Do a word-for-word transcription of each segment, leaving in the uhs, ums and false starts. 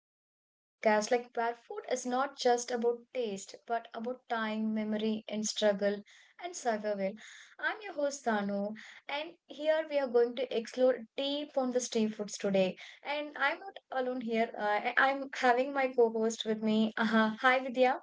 a wonderful podcast like where food is not just about taste but about time, memory, and struggle and survival. I'm your host Danu, and here we are going to explore deep on the street foods today. And I'm not alone here. Uh, I- I'm having my co-host with me. Uh, hi Vidya.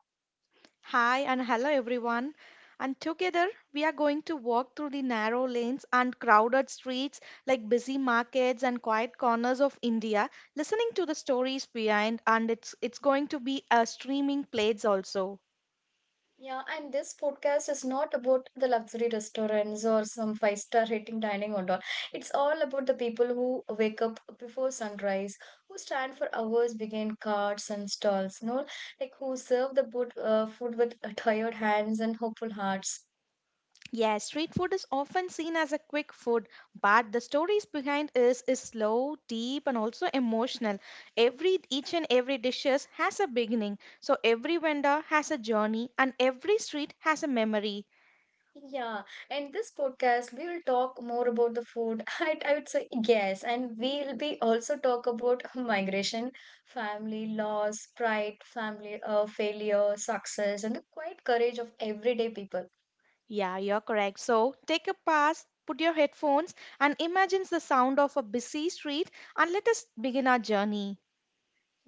Hi and hello everyone. And together we are going to walk through the narrow lanes and crowded streets like busy markets and quiet corners of India, listening to the stories behind and it's it's going to be a streaming plates also. Yeah, and this podcast is not about the luxury restaurants or some five star rating dining or all. It's all about the people who wake up before sunrise, who stand for hours behind carts and stalls, you know, like who serve the boot, uh, food with uh, tired hands and hopeful hearts. Yes, street food is often seen as a quick food, but the stories behind is is slow, deep, and also emotional. Every each and every dishes has a beginning, so every vendor has a journey, and every street has a memory. Yeah, and this podcast we will talk more about the food. I, I would say yes, and we'll be also talk about migration, family, loss, pride, family, uh, failure, success, and the quiet courage of everyday people. Yeah, you're correct. So take a pass, put your headphones, and imagine the sound of a busy street, and let us begin our journey.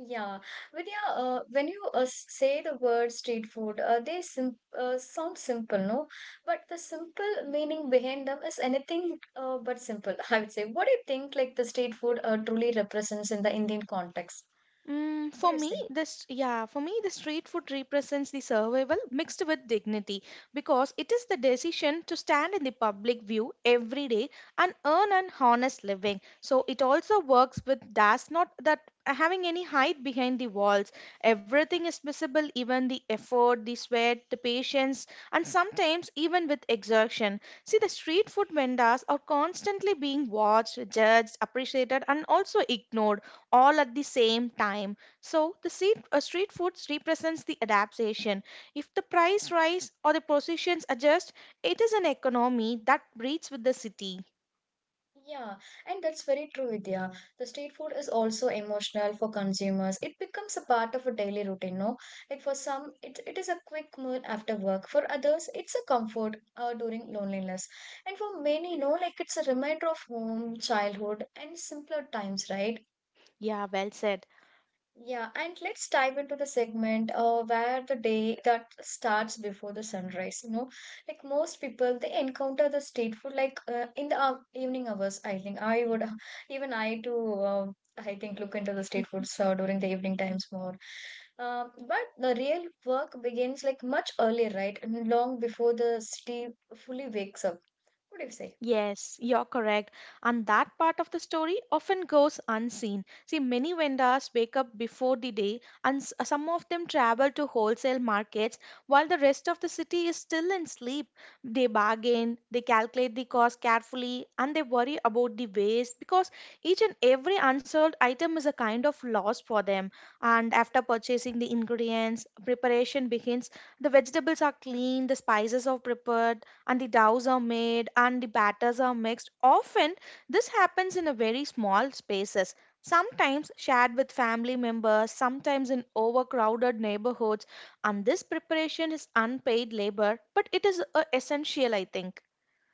Yeah, Vidya, uh, when you uh, s- say the word street food, uh, they sim uh, sound simple, no? But the simple meaning behind them is anything uh, but simple. I would say. What do you think like the street food uh, truly represents in the Indian context? Mm, What for do you me, say? This yeah, for me, the street food represents the survival mixed with dignity because it is the decision to stand in the public view every day and earn an honest living. So it also works with that's not that having any hide behind the walls. Everything is visible, even the effort, the sweat, the patience, and sometimes even with exertion. See, the street food vendors are constantly being watched, judged, appreciated, and also ignored all at the same time. So the street, uh, street food represents the adaptation. If the price rise or the positions adjust, it is an economy that breeds with the city. Yeah, and that's very true, Vidya. The street food is also emotional for consumers. It becomes a part of a daily routine, no? Like for some, it, it is a quick meal after work. For others, it's a comfort uh, during loneliness. And for many, no, like it's a reminder of home, childhood, and simpler times, right? Yeah, well said. Yeah, and let's dive into the segment uh, where the day that starts before the sunrise. You know, like most people, they encounter the street food like uh, in the uh, evening hours. I think I would, uh, even I too, uh, I think look into the street foods uh, during the evening times more. Uh, but the real work begins like much earlier, right? And long before the city fully wakes up. What do you say? Yes, you're correct. And that part of the story often goes unseen. See, many vendors wake up before the day, and s- uh, some of them travel to wholesale markets while the rest of the city is still in sleep. They bargain, they calculate the cost carefully, and they worry about the waste because each and every unsold item is a kind of loss for them. And after purchasing the ingredients, preparation begins. The vegetables are cleaned, the spices are prepared and the doughs are made and the batters are mixed. Often this happens in a very small spaces, sometimes shared with family members, sometimes in overcrowded neighborhoods, and this preparation is unpaid labor, but it is uh, essential I think.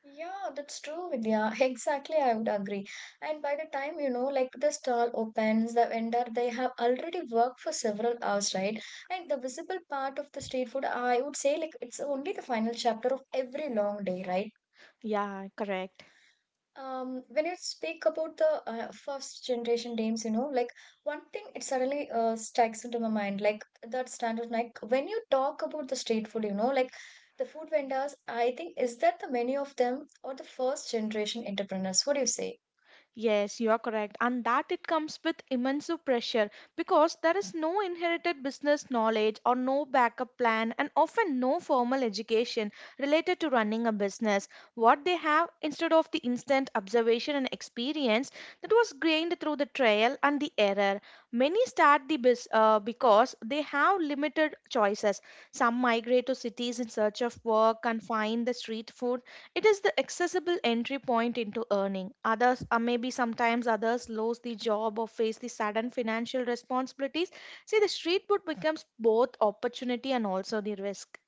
Yeah, that's true, Vidya. Exactly, I would agree. And by the time, you know, like the stall opens, the vendor, they have already worked for several hours, right? And the visible part of the street food, I would say, like it's only the final chapter of every long day, right? Yeah, correct. Um, when you speak about the uh, first generation names, you know, like one thing it suddenly uh, strikes into my mind, like that standard, like when you talk about the street food, you know, like the food vendors, I think is that the many of them or the first generation entrepreneurs? What do you say? Yes, you are correct. And that it comes with immense pressure because there is no inherited business knowledge or no backup plan and often no formal education related to running a business. What they have instead of the instant observation and experience that was gained through the trial and the error. Many start the bus uh, because they have limited choices. Some migrate to cities in search of work and find the street food it is the accessible entry point into earning. Others, uh, maybe sometimes others lose the job or face the sudden financial responsibilities. See, the street food becomes both opportunity and also the risk.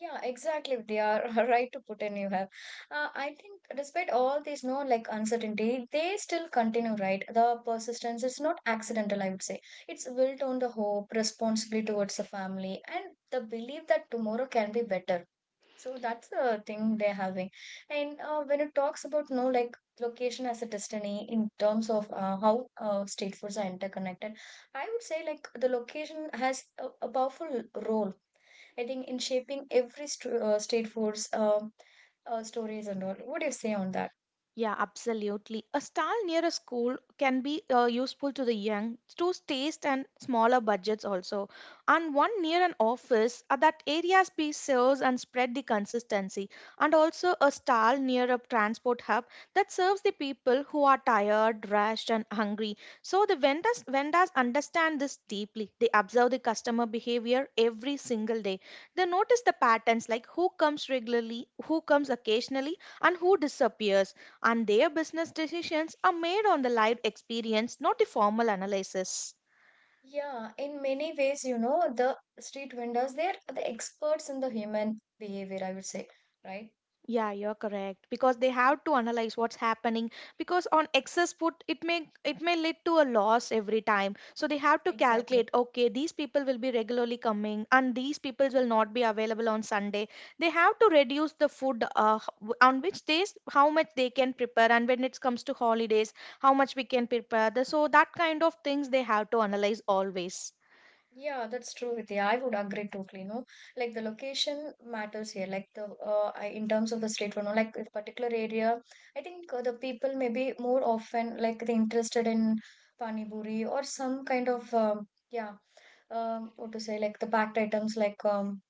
Yeah, exactly. They are right to put in you have. Uh, I think despite all these, no, like uncertainty, they still continue, right? The persistence is not accidental, I would say. It's built on the hope, responsibility towards the family, and the belief that tomorrow can be better. So that's the thing they're having. And uh, when it talks about no like location as a destiny in terms of uh, how uh, state foods are interconnected, I would say like the location has a, a powerful role. I think in shaping every st- uh, state foods um uh, stories and all. What do you say on that? Yeah, absolutely. A stall near a school can be uh, useful to the young to taste and smaller budgets also. And one near an office uh, that areas be serves and spread the consistency. And also a stall near a transport hub that serves the people who are tired, rushed, and hungry. So the vendors vendors understand this deeply. They observe the customer behavior every single day. They notice the patterns like who comes regularly, who comes occasionally, and who disappears and their business decisions are made on the live experience, not the formal analysis. Yeah, in many ways, you know, the street vendors, they're the experts in the human behavior, I would say, right? Yeah, you're correct because they Yeah, have to analyze what's happening because on excess put it may it may lead to a loss every time. So they have to exactly. calculate okay these people will be regularly coming and these people will not be available on Sunday. They have to reduce the food uh, h- w- on which days how much they can prepare and when it comes to holidays how much we can prepare. The- So that kind of things they have to analyze always. Yeah, that's true, Vidya. I would agree totally. No, like the location matters here. Like the uh, I- in terms of the state, you know, like the particular area, I think uh, the people maybe more often like they interested in pani puri or some kind of um, yeah, um, what to say, like the packed items like um,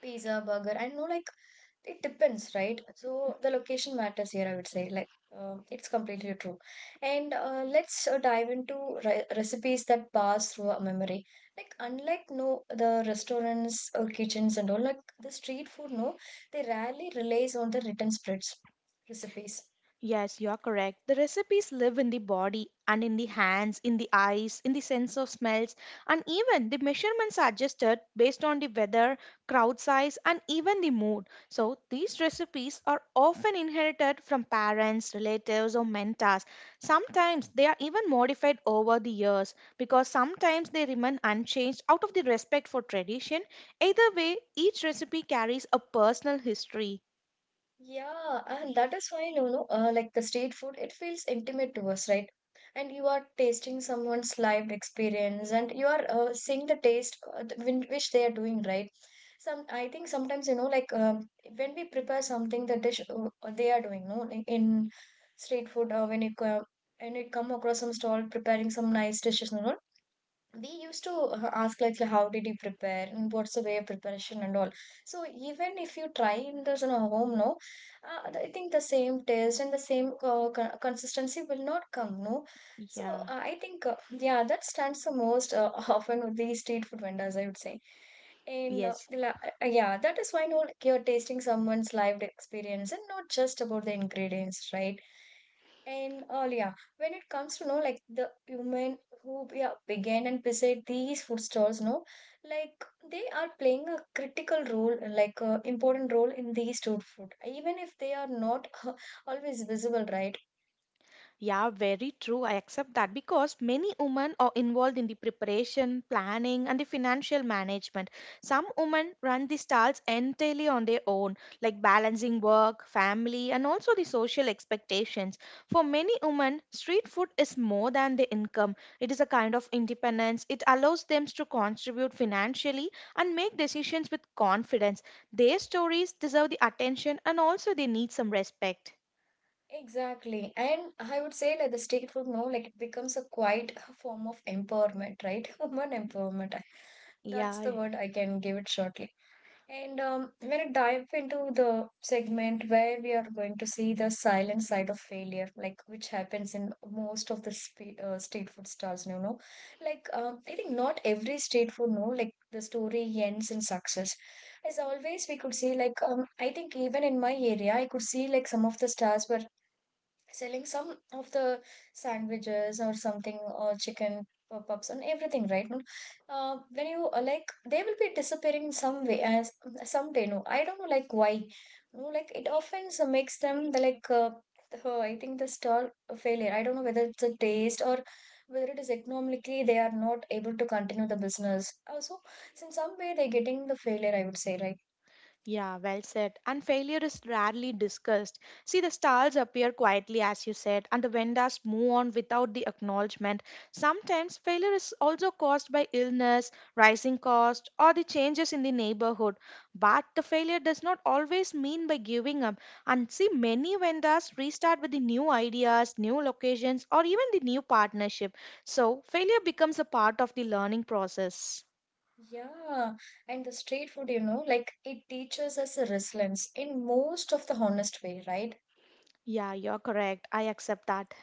pizza, burger. I know like it depends, right? So the location matters here, I would say. Like um, it's completely true. And uh, let's uh, dive into re- recipes that pass through our memory. Like unlike no the restaurants, uh, kitchens, and all like the street food, no, they rarely relies on the written spreads recipes. Yes, you're correct. The recipes live in the body and in the hands, in the eyes, in the sense of smells, and even the measurements are adjusted based on the weather, crowd size, and even the mood. So, these recipes are often inherited from parents, relatives, or mentors. Sometimes they are even modified over the years because sometimes they remain unchanged out of the respect for tradition. Either way, each recipe carries a personal history. Yeah, and that is why, you know, uh, like the street food, it feels intimate to us, right? And you are tasting someone's lived experience, and you are uh, seeing the taste uh, th- whin- which they are doing, right? Some, I think sometimes, you know, like um, when we prepare something, the dish uh, uh, they are doing, no, like in street food, uh, when you co- when you come across some stall preparing some nice dishes, you know, we used to uh, ask like how did he prepare and what's the way of preparation and all. So even if you try in the, you know, home, no, uh, I think the same taste and the same uh, co- consistency will not come, no. So Yeah, uh, i think uh, yeah, that stands the most uh, often with these street food vendors, I would say. And uh, yes. la- uh, uh, yeah, that is why, no, like you're tasting someone's lived experience and not just about the ingredients, right? And oh yeah, when it comes to know like the human who, yeah, began and beside these food stalls, no, like they are playing a critical role like a important role in the street food even if they are not uh, always visible, right? Yeah, very true. I accept that because many women are involved in the preparation, planning, and the financial management. Some women run the stalls entirely on their own, like balancing work, family, and also the social expectations. For many women, street food is more than the income, it is a kind of independence. It allows them to contribute financially and make decisions with confidence. Their stories deserve the attention and also they need some respect. Exactly, and I would say that the street food, no, like it becomes a quite form of empowerment, right? Human empowerment, that's Yeah. the word I can give it shortly. And um, we're going to dive into the segment where we are going to see the silent side of failure, like which happens in most of the spe uh, street food stalls, you know. Like, um, I think not every street food, no, like the story ends in success. As always, we could see, like, um, I think even in my area, I could see like some of the stars were selling some of the sandwiches or something or chicken pop-ups and everything, right, no, uh, when you uh, like they will be disappearing some way as someday, no, I don't know like why, no, like it often so makes them the like uh, the- I think the stall failure, I don't know whether it's a taste or whether it is economically they are not able to continue the business also in some way they're getting the failure, I would say, right? Yeah, well said. And failure is rarely discussed. See, the stars appear quietly, as you said, and the vendors move on without the acknowledgement. Sometimes failure is also caused by illness, rising cost, or the changes in the neighborhood. But the failure does not always mean by giving up. And see, many vendors restart with the new ideas, new locations, or even the new partnership. So, failure becomes a part of the learning process. Yeah, and the street food, you know, like it teaches us a resilience in most of the honest way, right? Yeah, you're correct. I accept that.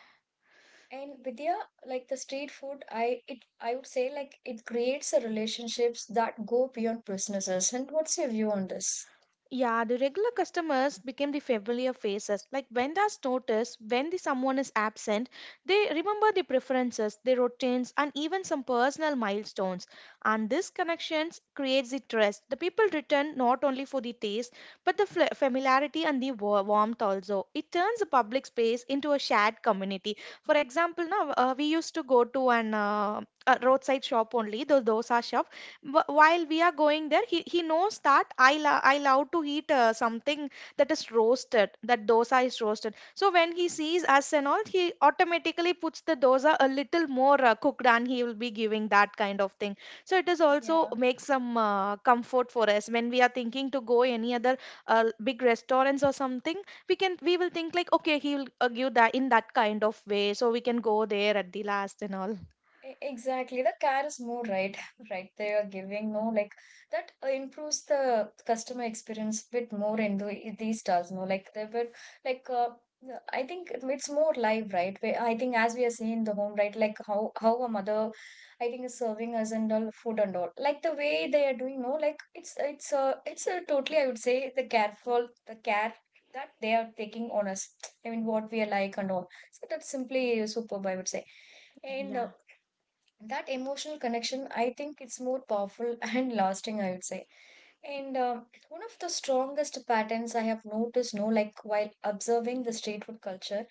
And Vidya, like the street food, I it I would say like it creates a relationships that go beyond businesses. And what's your view on this? Yeah, the regular customers became the familiar faces. Like vendors notice when the someone is absent, they remember the preferences, the routines, and even some personal milestones. And this connections creates the trust. The people return not only for the taste, but the fl- familiarity and the wa- warmth also. It turns a public space into a shared community. For example, now uh, we used to go to an uh, a roadside shop only, though those are shop wh- while we are going there he, he knows that i lo- I love to eat uh, something that is roasted that dosa is roasted so when he sees us and all he automatically puts the dosa a little more uh, cooked and he will be giving that kind of thing so it is also Yeah. makes some uh, comfort for us when we are thinking to go any other uh, big restaurants or something we can we will think like okay he will uh, give that in that kind of way so we can go there at the last and E- Exactly, the care is more right, right. They are giving, no, like that uh, improves the customer experience bit more in the in these stars. No, like they were like uh, the- I think it- it's more live, right? Where I think as we are seeing the home, right? Like how how a mother, I think is serving us and all food and all. Like the way they are doing, no, like it's it's uh, it's a totally, I would say, the careful the care that they are taking on us. I mean what we are like and all. So that's simply superb, I would say. And uh, all. that emotional connection, I think, it's more powerful and lasting, I would say. And um one of the strongest patterns I have noticed, no, like while observing the street food culture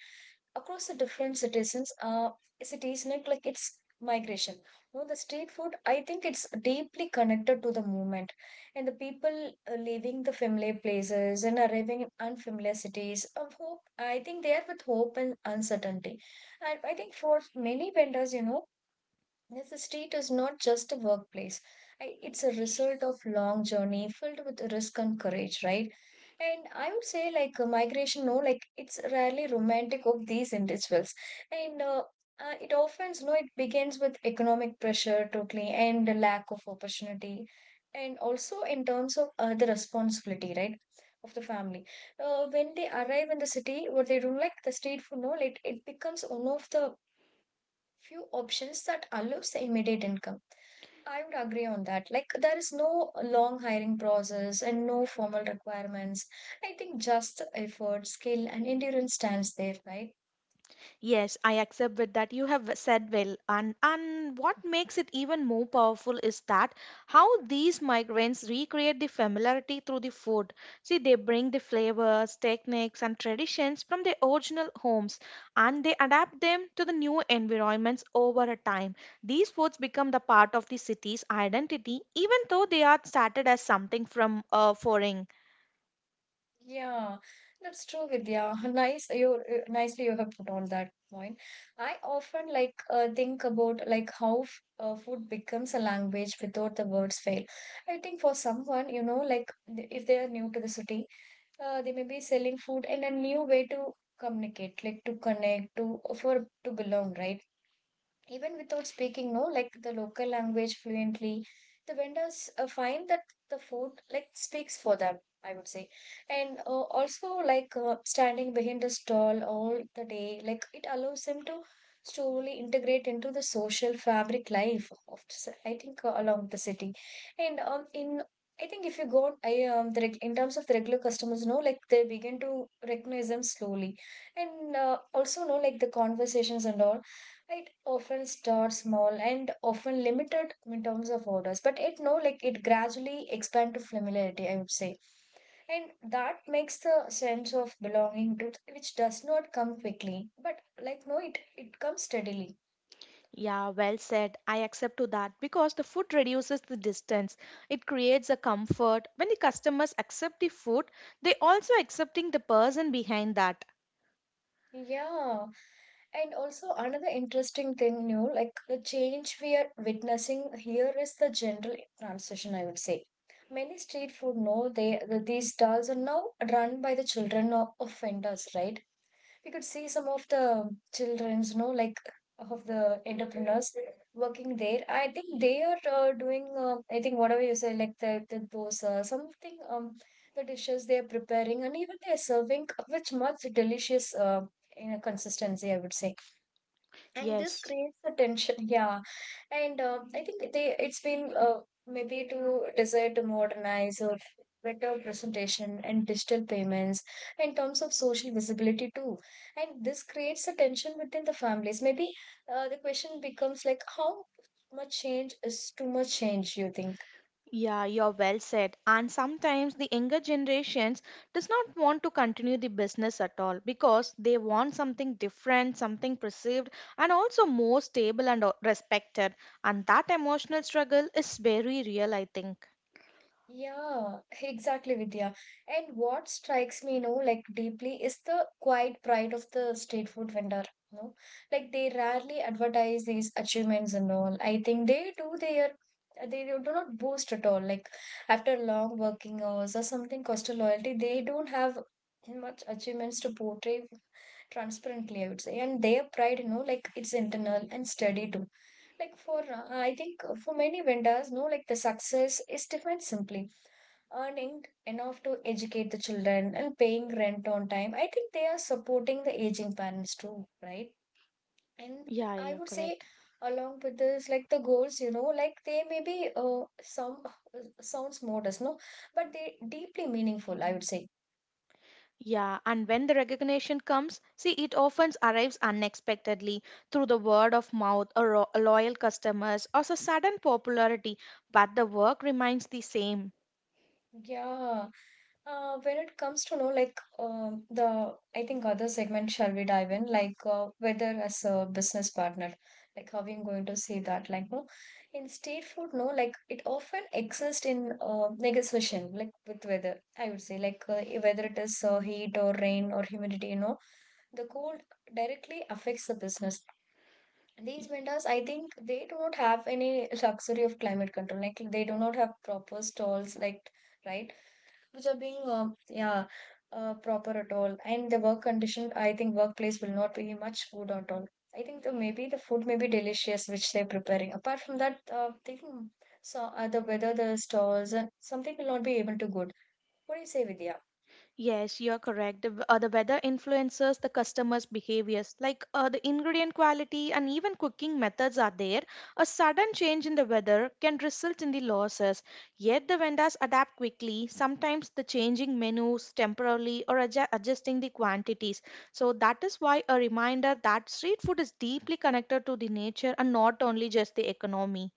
across the different citizens uh cities like, like it's migration, no, the street food I think it's deeply connected to the movement and the people uh, leaving the familiar places and arriving in unfamiliar cities of hope, I think they are with hope and uncertainty. And I think for many vendors, you know, yes, the street is not just a workplace. I- It's a result of long journey filled with risk and courage, right? And I would say like uh, migration, no, like it's rarely romantic of these individuals. And uh, uh, it often, no, it begins with economic pressure totally and the lack of opportunity. And also in terms of uh, the responsibility, right, of the family. Uh, when they arrive in the city, what they do, like the street food, no, like it becomes one of the few options that allows the immediate income. I would agree on that. Like, there is no long hiring process and no formal requirements. I think just the effort, skill, and endurance stands there, right? Yes, I accept with that you have said well and and what makes it even more powerful is that how these migrants recreate the familiarity through the food. See they bring the flavors, techniques and traditions from their original homes and they adapt them to the new environments over a time. These foods become the part of the city's identity even though they are started as something from uh, foreign. Yeah, that's true, Vidya. Nice, you you- nicely you have put on that point. I often like uh, think about like how f- uh, food becomes a language without the words fail. I think for someone, you know, like th- if they are new to the city, uh, they may be selling food and a new way to communicate, like to connect to, for to belong, right, even without speaking, no, like the local language fluently. The vendors uh, find that the food like speaks for them, I would say. And uh, also like uh, standing behind the stall all the day, like it allows them to slowly integrate into the social fabric life of the ci- I think uh, along the city. And um in, I think if you go, I um, the reg in terms of the regular customers, no, like they begin to recognize them slowly, and uh, also, no, like the conversations and all, it often starts small and often limited in terms of orders, but it, no, like it gradually expand to familiarity, I would say, and that makes the sense of belonging to which does not come quickly, but like, no, it it comes steadily. Yeah, well said. I accept to that because the food reduces the distance. It creates a comfort. When the customers accept the food, they also accepting the person behind that. Yeah, and also another interesting thing, you know, like the change we are witnessing here is the general transition, I would say. Many street food know they, these stalls are now run by the children of, of vendors, right? We could see some of the children's, you know, like of the entrepreneurs working there. I think they are uh, doing, uh, I think whatever you say, like the, the dosa, something, um, the dishes they are preparing, and even they are serving uh, with much delicious uh, you know, consistency, I would say, and this Yes. creates the tension. Yeah. And uh, I think they, it's been uh, maybe to desire to modernize or better presentation and digital payments, in terms of social visibility too, and this creates a tension within the families maybe. Uh, the question becomes like how much change is too much change, you think? Yeah, you're well said. And sometimes the younger generations does not want to continue the business at all because they want something different, something perceived, and also more stable and uh, respected. And that emotional struggle is very real, I think. Yeah, exactly, Vidya. And what strikes me, you know, like deeply is the quiet pride of the street food vendor, you know. Like they rarely advertise these achievements and all. I think they do their, they do not boast at all. Like after long working hours or something, coastal loyalty, they don't have much achievements to portray transparently, I would say. And their pride, you know, like it's internal and steady too. Like for uh, I think for many vendors, no, like the success is defined simply earning enough to educate the children and paying rent on time. I think they are supporting the aging parents too, right? And Yeah, I yeah, would say, correct. along with this, like the goals, you know, like they may be uh, some sounds modest, no, but they deeply meaningful, I would say. Yeah, and when the recognition comes, see, it often arrives unexpectedly through the word of mouth or ro- loyal customers or a sudden popularity, but the work remains the same. Yeah. Uh, when it comes to know like um the, I think other segment shall we dive in, like uh, whether as a business partner, like how I'm going to say that, like, no, in state food, no, like it often exists in uh, negotiation, like with weather, I would say, like uh, whether it is uh, heat or rain or humidity, you know, the cold directly affects the business. These vendors, I think they do not have any luxury of climate control. Like they do not have proper stalls, like, right? Which are being um, yeah, uh, proper at all, and the work condition, I think workplace will not be much good at all. I think the, maybe the food may be delicious which they're preparing, apart from that uh, thinking. So uh, the weather, the stalls and something will not be able to good. What do you say, Vidya? Yes, you're correct. The, w- uh, the weather influences the customer's behaviors, like uh, the ingredient quality and even cooking methods are there. A sudden change in the weather can result in the losses. Yet the vendors adapt quickly, sometimes the changing menus temporarily or adju- adjusting the quantities. So that is why a reminder that street food is deeply connected to the nature and not only just the economy.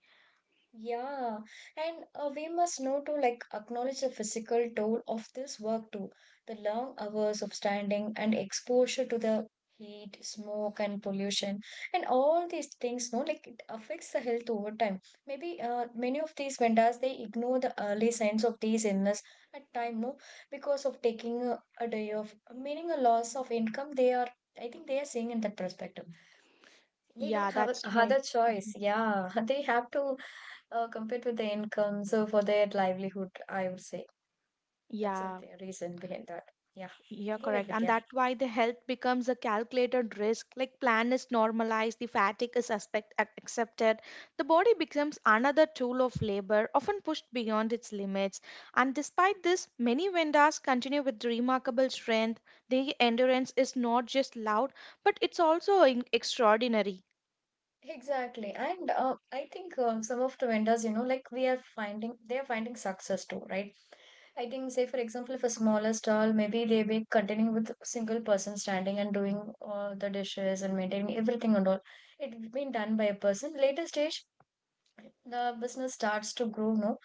Yeah, and uh, we must know to like acknowledge the physical toll of this work too. The long hours of standing and exposure to the heat, smoke, and pollution, and all these things, no, like it affects the health over time. Maybe uh, many of these vendors, they ignore the early signs of these illness at time, no, because of taking a, a day off, meaning a loss of income. They are, I think, they are seeing in that perspective. They don't Yeah, have a- that's why. other choice. Mhm. Yeah, they have to uh, compete with the income, so for their livelihood, I would say, that's what Yeah. the thing- reason behind that. Yeah, You're go ahead correct. with, And yeah. that's why the health becomes a calculated risk. Like plan is normalized, the fatigue is aspect, ac- accepted. The body becomes another tool of labor, often pushed beyond its limits. And despite this, many vendors continue with remarkable strength. Their endurance is not just loud, but it's also in- extraordinary. Exactly, and uh, I think uh, some of the vendors, you know, like we are finding, they are finding success too, right? I think, say for example, if a smaller stall, maybe they be continuing with single person standing and doing all the dishes and maintaining everything and all. It been done by a person. Later stage, the business starts to grow, no,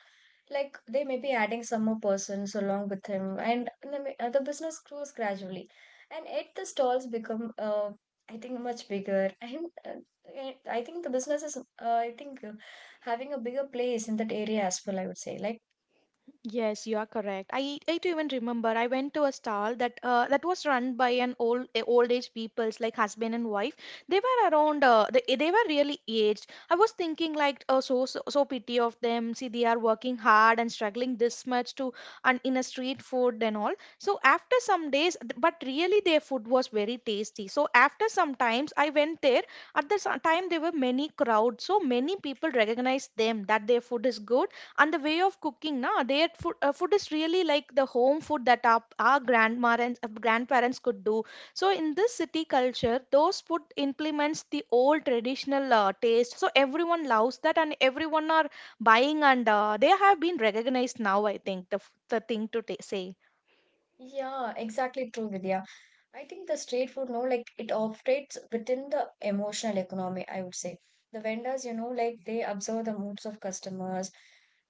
like they may be adding some more persons along with him, and the, ma- uh, the business grows gradually, and yet the stalls become uh, I think much bigger, and uh, eh, I think the business is uh, I think uh, having a bigger place in that area as well, I would say, like, Yes, you are correct. I, I do even remember I went to a stall that uh, that was run by an old a old age peoples like husband and wife. They were around uh, they, they were really aged. I was thinking like uh, so, so so pity of them. See they are working hard and struggling this much to and in a street food and all. So after some days, but really their food was very tasty. So after some times I went there. At the sa- time there were many crowds. So many people recognized them that their food is good, and the way of cooking na their food, uh, food is really like the home food that our, our grandparents uh, grandparents could do. So in this city culture those food implements the old traditional uh, taste, so everyone loves that and everyone are buying, and uh, they have been recognized now. I think the, f- the thing to ta say. yeah, exactly true, Vidya. I think the street food, no, like it operates within the emotional economy, I would say. The vendors, you know, like they observe the moods of customers.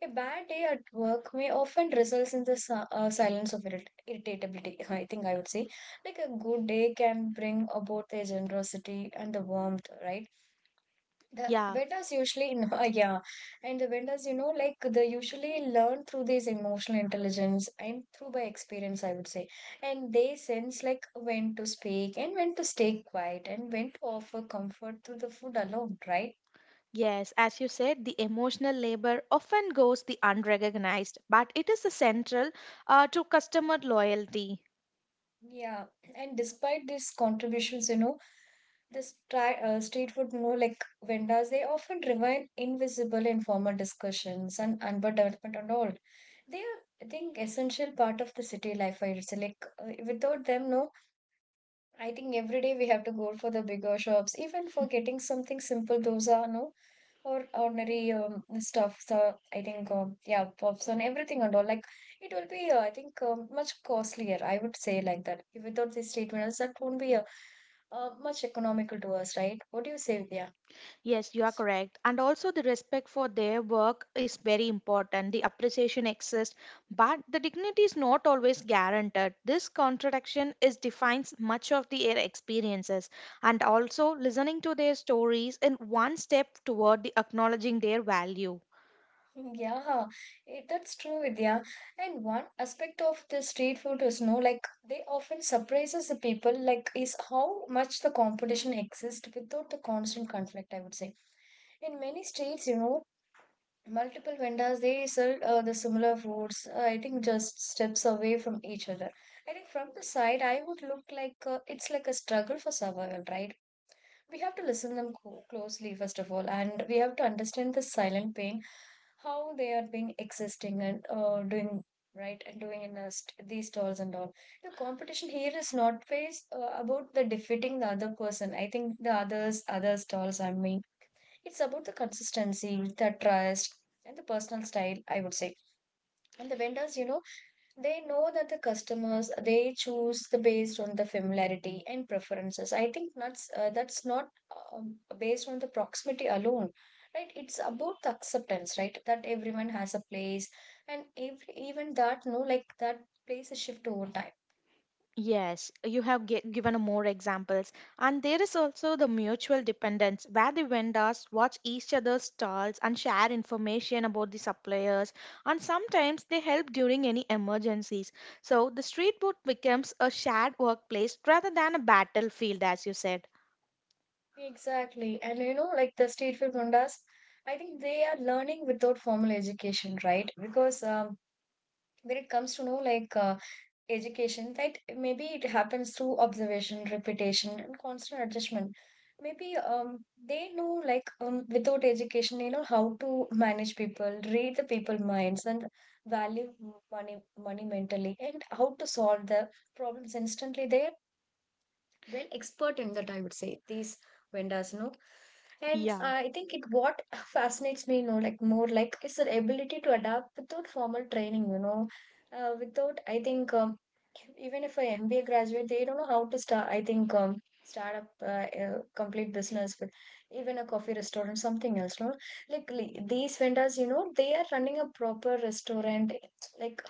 A bad day at work may often result in the si- uh, silence of irrit- irritability, I think, I would say. Like a good day can bring about the generosity and the warmth, right? The Yeah. vendors usually know, yeah, and the vendors, you know, like they usually learn through this emotional intelligence and through by experience, I would say. And they sense like when to speak and when to stay quiet and when to offer comfort through the food alone, right? Yes, as you said, the emotional labor often goes the unrecognized, but it is the central uh, to customer loyalty. Yeah, and despite these contributions, you know, this try, uh, street food, you know, like vendors, they often remain invisible in formal discussions and urban development and all. They are, I think, essential part of the city life. I would say, like, uh, without them, no, I think every day we have to go for the bigger shops, even for getting something simple. Those are, no, or ordinary um, stuff. So I think um, yeah, puffs and everything and all. Like it will be, uh, I think, um, much costlier. I would say like that. Without these statements, that won't be uh, uh, much economical to us, right? What do you say, Vidya? Yes, you are correct. And also, the respect for their work is very important. The appreciation exists, but the dignity is not always guaranteed. This contradiction is defines much of their experiences. And also, listening to their stories in one step toward the acknowledging their value. Yeah, it, that's true, Vidya. And one aspect of the street food is, no, like they often surprises the people, like is how much the competition exists without the constant conflict, I would say. In many states, you know, multiple vendors they sell uh, the similar foods. Uh, I think just steps away from each other. I think from the side, I would look like uh, it's like a struggle for survival, right? We have to listen them co- closely first of all, and we have to understand the silent pain how they are being existing and uh, doing, right, and doing in a st- these stalls and all. The competition here is not based uh, about the defeating the other person, I think the others, other stalls, I mean, it's about the consistency, the trust, and the personal style, I would say. And the vendors, you know, they know that the customers they choose the based on the familiarity and preferences. I think that's uh, that's not um, based on the proximity alone, right. It's about the acceptance, right, that everyone has a place, and every, even that, no, like that plays a shift over time. Yes, you have gi- given more examples. And there is also the mutual dependence where the vendors watch each other's stalls and share information about the suppliers, and sometimes they help during any emergencies. So the street food becomes a shared workplace rather than a battlefield, as you said. Exactly, and you know, like the street food vendors, I think they are learning without formal education, right? Because um, when it comes to know like uh, education, that maybe it happens through observation, repetition, and constant adjustment. Maybe um they know, like um without education they know how to manage people, read the people minds, and value money money mentally, and how to solve the problems instantly. They're well expert in that, I would say, these vendors, you know. And Yeah. uh, I think it what fascinates me, you know, like more, like is their ability to adapt without formal training, you know, uh, without I think um, even if a M B A graduate, they don't know how to start. I think um, start up uh, a complete business with even a coffee restaurant, something else. No, like li- these vendors, you know, they are running a proper restaurant. Like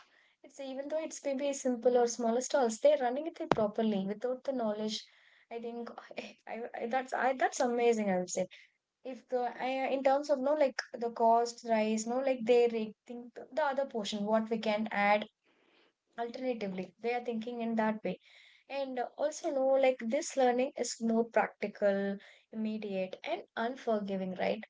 it's even though it's maybe simple or smaller stalls, they're running it properly without the knowledge. I think I, I that's I that's amazing, I would say. If the, I- in terms of, no, like the cost rise, no, like they re- think th- the other portion what we can add alternatively, they are thinking in that way. And also, no, like this learning is more practical, immediate, and unforgiving, right?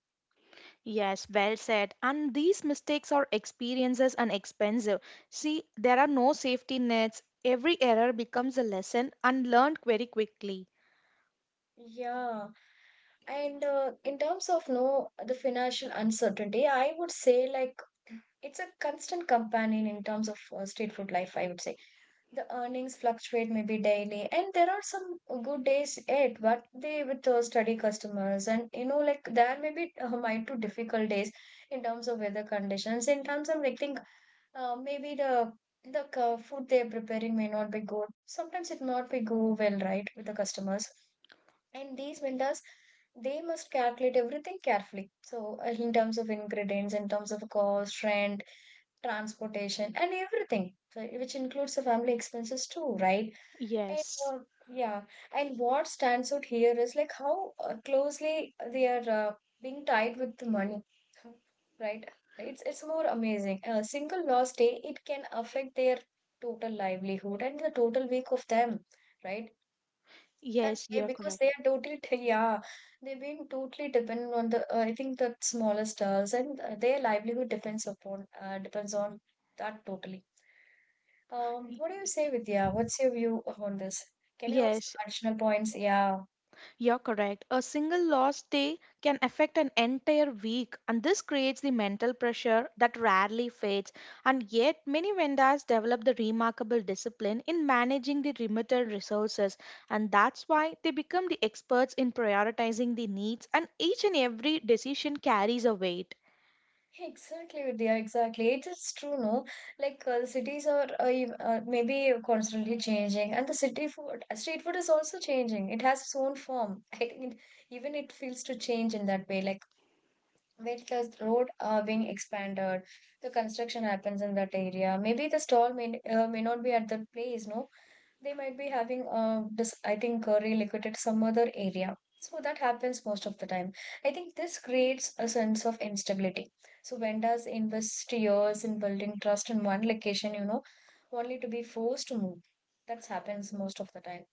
Yes, well said. And these mistakes are experiences and expensive. See, there are no safety nets. Every error becomes a lesson and learned very quickly. Yeah, and uh, in terms of, no, the financial uncertainty, I would say like, it's a constant companion in terms of uh, street food life, I would say. The earnings fluctuate maybe daily, and there are some good days yet, but they with uh, steady customers, and you know, like there may be uh, might to difficult days in terms of weather conditions. In terms of like think, uh, maybe the the uh, food they're preparing may not be good. Sometimes it not be go well, right, with the customers. And these vendors, they must calculate everything carefully. So, uh, in terms of ingredients, in terms of cost, rent, transportation, and everything, so, which includes the family expenses too, right? And Yes. uh, yeah, and what stands out here is like how uh, closely they are uh, being tied with the money, right? It's it's more amazing. A single lost day, it can affect their total livelihood and the total week of them, right? That Yes, they, you're because they correct. are totally t- yeah, they've been totally dependent on the uh, I think the smaller stars, and uh, their livelihood depends upon uh, depends on that totally. Um, Y- What do you say, Vidya? What's your view on this? Can you also Yes, additional points? Yeah. you're correct. A single lost day can affect an entire week, and this creates the mental pressure that rarely fades. And yet, many vendors develop the remarkable discipline in managing the limited resources, and that's why they become the experts in prioritizing the needs, and each and every decision carries a weight. Exactly, Vidya, exactly. It is true, no? Like uh, the cities are uh, ev- uh, maybe constantly changing, and the city food, uh, street food is also changing. It has its own form. I think it, even it feels to change in that way. Like with the road uh, being expanded, the construction happens in that area. Maybe the stall may uh, may not be at that place. No, they might be having uh, this. I think uh, relocated some other area. So that happens most of the time. I think this creates a sense of instability. So vendors invest years in building trust in one location, you know, only to be forced to move. That happens most of the time,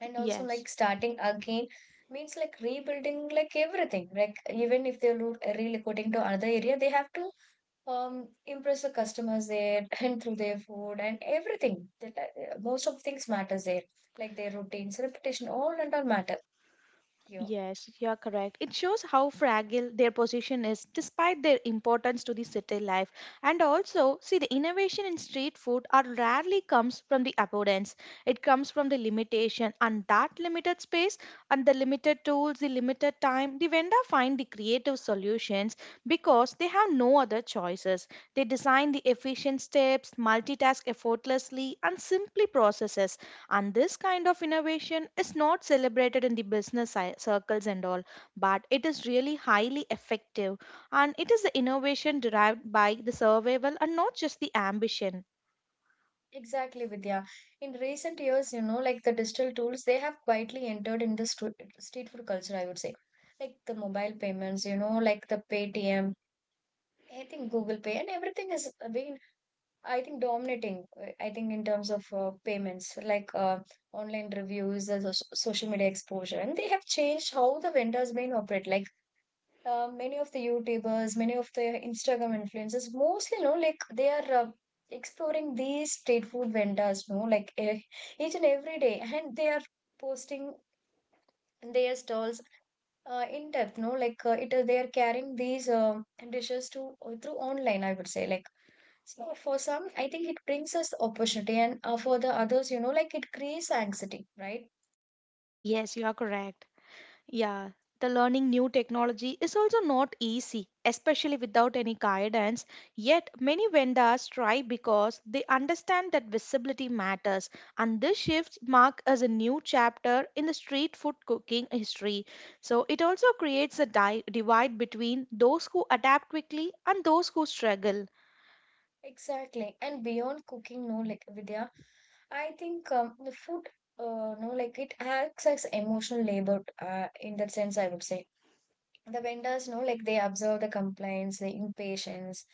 and also like Yes. starting again means like rebuilding like everything, like even if they're lo- relocating to another area, they have to um impress the customers there and through their food and everything. That, uh, uh, most of things matters there, like their routines, reputation, all and all matter here. Yes, you are correct. It shows how fragile their position is despite their importance to the city life. And also, see, the innovation in street food are rarely comes from the abundance. It comes from the limitation and that limited space and the limited tools, the limited time, the vendor find the creative solutions because they have no other choices. They design the efficient steps, multitask effortlessly and simply processes, and this kind of innovation is not celebrated in the business ci- circles and all, but it is really highly effective. And it is the innovation derived by the survival and not just the ambition. Exactly, Vidya. In recent years, you know, like the digital tools, they have quietly entered in the stru- street food culture, I would say, like the mobile payments, you know, like the Paytm, I think Google Pay and everything is being, I think, dominating, uh, I think in terms of uh, payments, like uh, online reviews, uh, so social media exposure, and they have changed how the vendors main operate. Like uh, many of the YouTubers, many of the Instagram influencers, mostly, you know, like they are uh, exploring these street food vendors, no, like eh, each and every day, and they are posting their stalls uh, in depth, no, like uh, it is they are carrying these uh, dishes to uh, through online, I would say. Like so for some, I think it brings us opportunity, and uh, for the others, you know, like it creates anxiety, right? Yes, you are correct. Yeah, the learning new technology is also not easy, especially without any guidance. Yet, many vendors try because they understand that visibility matters, and this shift mark as a new chapter in the street food cooking history. So, it also creates a di- divide between those who adapt quickly and those who struggle. Exactly, and beyond cooking, no, like Vidya, I think um, the food, uh, no, like it acts as emotional labor uh, in that sense, I would say. The vendors know, like they observe the complaints, the impatience,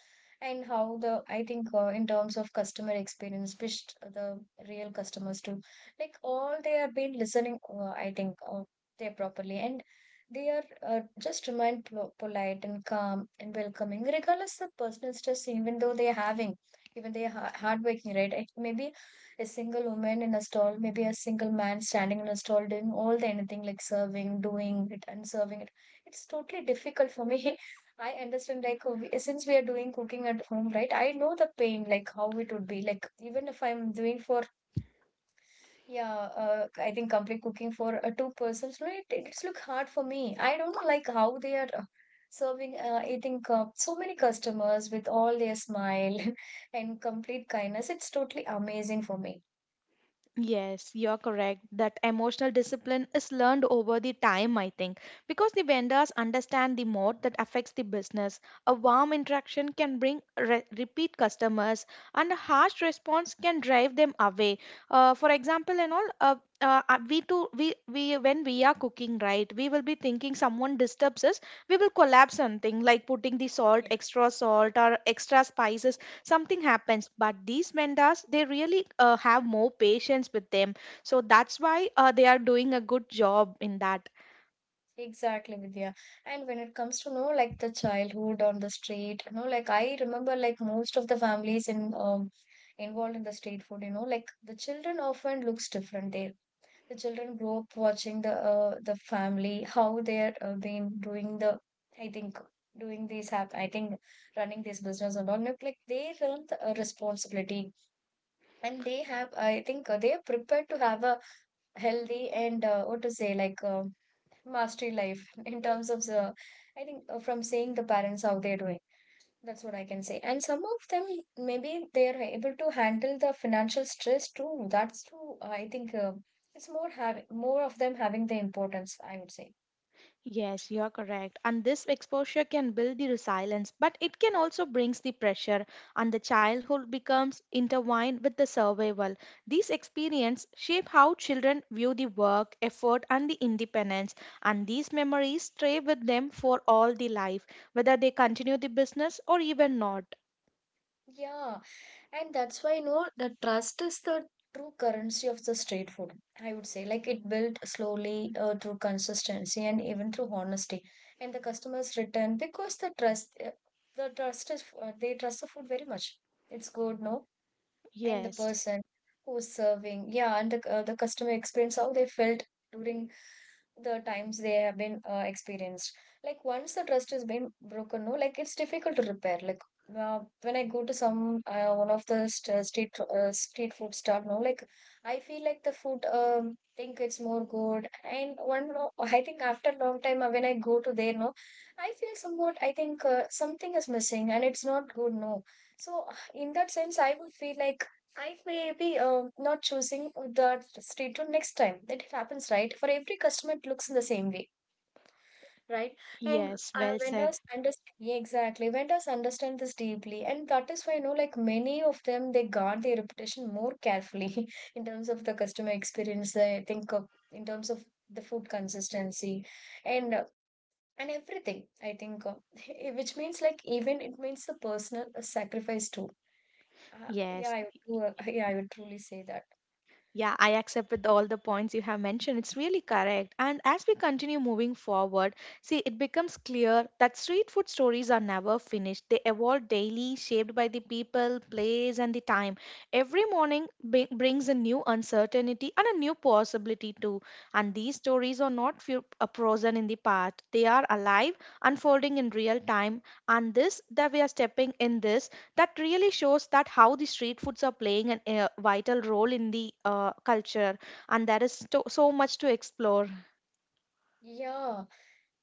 and how the, I think, uh, in terms of customer experience, which the real customers too, like all, they have been listening, uh, I think uh, they properly, and they are uh, just remain pol- polite and calm and welcoming, regardless of personal stress, even though they are having, even they are ha- hardworking, right? It may be a single woman in a stall, maybe a single man standing in a stall, doing all the anything, like serving, doing it and serving it. It's totally difficult for me. I understand, like, uh, we- since we are doing cooking at home, right? I know the pain, like, how it would be. Like, even if I'm doing for, yeah, uh, I think complete cooking for uh, two persons, right, it, it's look hard for me. I don't know, like, how they are uh, serving, uh, I think, uh, so many customers with all their smile and complete kindness. It's totally amazing for me. Yes, you're correct. That emotional discipline is learned over the time, I think, because the vendors understand the mode that affects the business. A warm interaction can bring re- repeat customers, and a harsh response can drive them away. Uh, for example, and all, uh, uh, uh, we too, we we when we are cooking, right, we will be thinking someone disturbs us. We will collapse something like putting the salt, extra salt, or extra spices. Something happens, but these vendors they really uh, have more patience with them. So that's why uh, they are doing a good job in that. Exactly, Vidya. And when it comes to know, like the childhood on the street, you know, like I remember, like most of the families in um involved in the street food, you know, like the children often looks different there. The children grow up watching the uh, the family, how they're uh, been doing the, I think, doing these have, I think, running this business and all, like like they learn the uh, responsibility, and they have, I think, uh, they are prepared to have a healthy and uh, what to say, like. Um mastery life in terms of the, I think, uh, from seeing the parents how they're doing, that's what I can say. And some of them, maybe they're able to handle the financial stress too, that's true, I think, uh, it's more having more of them having the importance, I would say. Yes, you're correct. And this exposure can build the resilience, but it can also brings the pressure. And the childhood becomes intertwined with the survival. These experience shape how children view the work effort and the independence, and these memories stay with them for all the life, whether they continue the business or even not. Yeah. And that's why, you know, the trust is the true currency of the street food. I would say, like, it built slowly uh, through consistency and even through honesty. And the customers return because the trust, uh, the trust is, uh, they trust the food very much. It's good, no? And the Yes. person who's serving, yeah, and the, uh, the customer experience, how they felt during the times they have been uh, experienced. Like once the trust has been broken, no, like it's difficult to repair. Like uh, when I go to some uh, one of the st- uh, street uh, street food store, no, like I feel like the food, um think it's more good and one, no, I think after a long time, uh, when I go to there, no, I feel somewhat, I think, uh, something is missing and it's not good, no. So uh, in that sense, I would feel like I may be um, not choosing that street to next time. That it happens, right? For every customer, it looks in the same way, right? And Yes, uh, well said. vendors understand, yeah, exactly. Vendors understand this deeply, and that is why, you know, like many of them, they guard their reputation more carefully in terms of the customer experience. I think uh, in terms of the food consistency and uh, and everything. I think, uh, which means like even it means the personal uh, sacrifice too. Uh, yeah, Yes. I would, do, uh, yeah, I would truly say that. Yeah, I accept with all the points you have mentioned. It's really correct. And as we continue moving forward, see, it becomes clear that street food stories are never finished. They evolve daily, shaped by the people, place, and the time. Every morning bri- brings a new uncertainty and a new possibility, too. And these stories are not few, uh, frozen in the past, they are alive, unfolding in real time. And this that we are stepping in this that really shows that how the street foods are playing an a vital role in the uh, culture, and there is to- so much to explore. Yeah,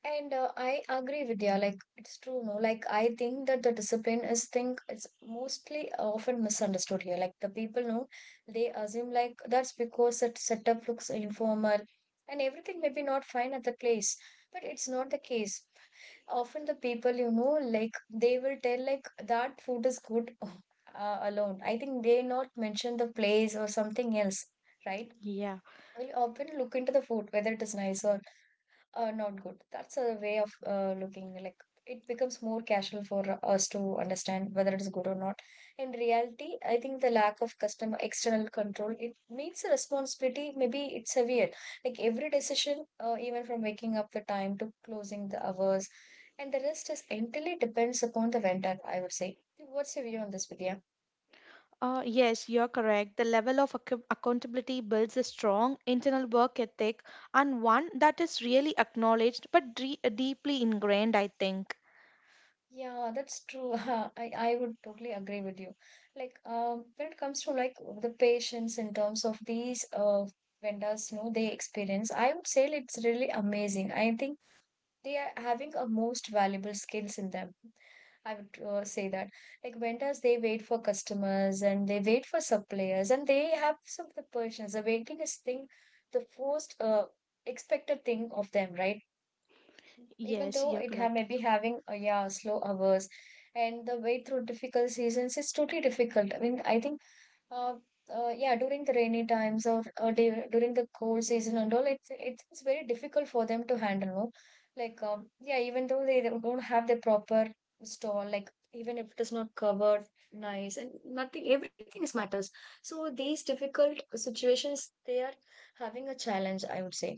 and uh, I agree with you. Like it's true, no. Like I think that the discipline is think it's mostly often misunderstood here. Like the people know they assume like that's because that setup looks informal and everything may be not fine at the place, but it's not the case. Often the people, you know, like they will tell like that food is good uh, alone. I think they not mention the place or something else, right? Yeah. We'll often look into the food whether it is nice or uh, not good. That's a way of uh, looking like it becomes more casual for us to understand whether it is good or not. In reality, I think the lack of customer external control, it means the responsibility. Maybe it's severe. Like every decision, uh, even from waking up the time to closing the hours, and the rest is entirely depends upon the vendor, I would say. What's your view on this, Vidya? Uh, yes, you're correct. The level of accou- accountability builds a strong internal work ethic, and one that is really acknowledged but dre- deeply ingrained, I think. Yeah, that's true. I, I would totally agree with you. Like, um, when it comes to like the patients in terms of these uh vendors, you know, they experience, I would say it's really amazing. I think they are having a most valuable skills in them. I would uh, say that, like vendors, they wait for customers and they wait for suppliers, and they have some of the patience. The waiting is thing, the first uh, expected thing of them, right? Even Yes, though you're it ha- correct. may be having uh, yeah, slow hours, and the way through difficult seasons is totally difficult, I mean, I think uh, uh yeah, during the rainy times, or, or du- during the cold season and all, it's it's it's very difficult for them to handle, no? Like um, yeah, even though they don't don't have the proper stall, like even if it is not covered nice and nothing, everything is matters. So these difficult situations, they are having a challenge, I would say.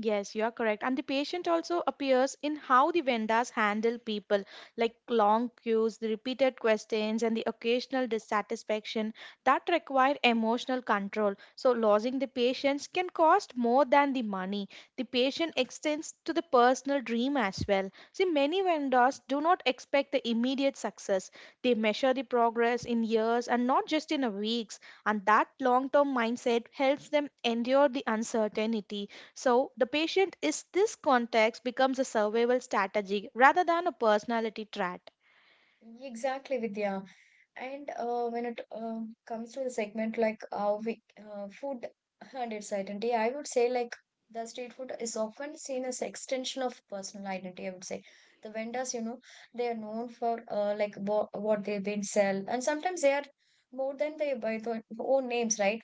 Yes, you are correct. And the patient also appears in how the vendors handle people, like long queues, the repeated questions, and the occasional dissatisfaction that require emotional control. So, losing the patience can cost more than the money. The patient extends to the personal dream as well. See, many vendors do not expect the immediate success. They measure the progress in years and not just in a weeks. And that long term mindset helps them endure the uncertainty. So the patient is this context becomes a survival strategy rather than a personality trait. Exactly, Vidya. And uh, when it uh, comes to the segment like uh, we, uh, food and its identity, I would say, like the street food is often seen as extension of personal identity. I would say the vendors, you know, they are known for uh, like wha- what they've been sell, and sometimes they are more than they by their own names, right?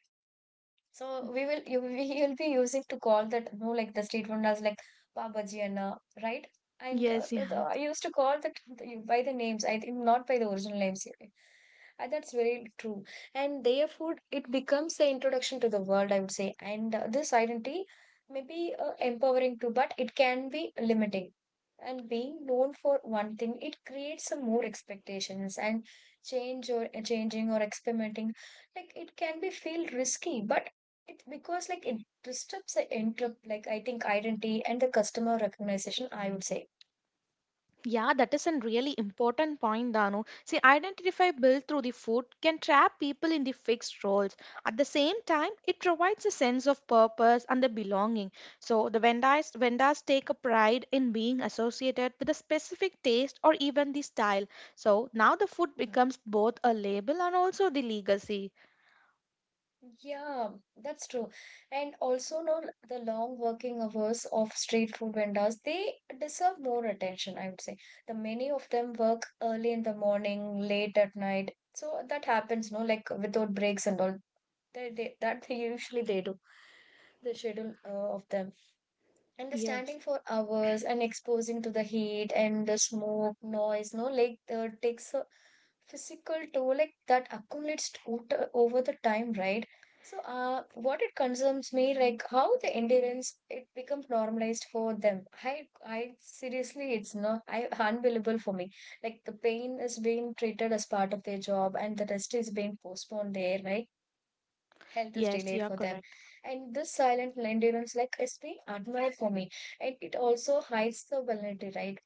So we will you we will be using to call that you know, like the street vendors like Baba Ji Anna, right? And uh, Yes, uh, the, yeah. I used to call that by the names. I think not by the original names. Uh, that's very true. And their food it becomes the introduction to the world, I would say. And uh, this identity may be uh, empowering too, but it can be limiting. And being known for one thing, it creates some more expectations and change or uh, changing or experimenting, like it can be feel risky, but it's because like it disrupts the inter like I think identity and the customer recognition, I would say. Yeah, that is a really important point, Danu. See, identify built through the food can trap people in the fixed roles. At the same time, it provides a sense of purpose and the belonging. So the vendors, vendors take a pride in being associated with a specific taste or even the style. So now the food becomes both a label and also the legacy. Yeah, that's true. And also now the long working hours of street food vendors, they deserve more attention, I would say. The many of them work early in the morning, late at night. So that happens, no, like without breaks and all. They, they, that they usually they do, the schedule uh, of them. And the Yes. standing for hours and exposing to the heat and the smoke, noise, no, like uh, takes a physical toll, like that accumulates total over the time, right? So, uh, what it concerns me, like how the endurance it becomes normalized for them. I, I seriously, it's not, I unbelievable for me. Like the pain is being treated as part of their job, and the rest is being postponed there, right? Health is Yes, delayed you are for them, correct. and this silent endurance like is being admired for me, and it also hides the vulnerability, right?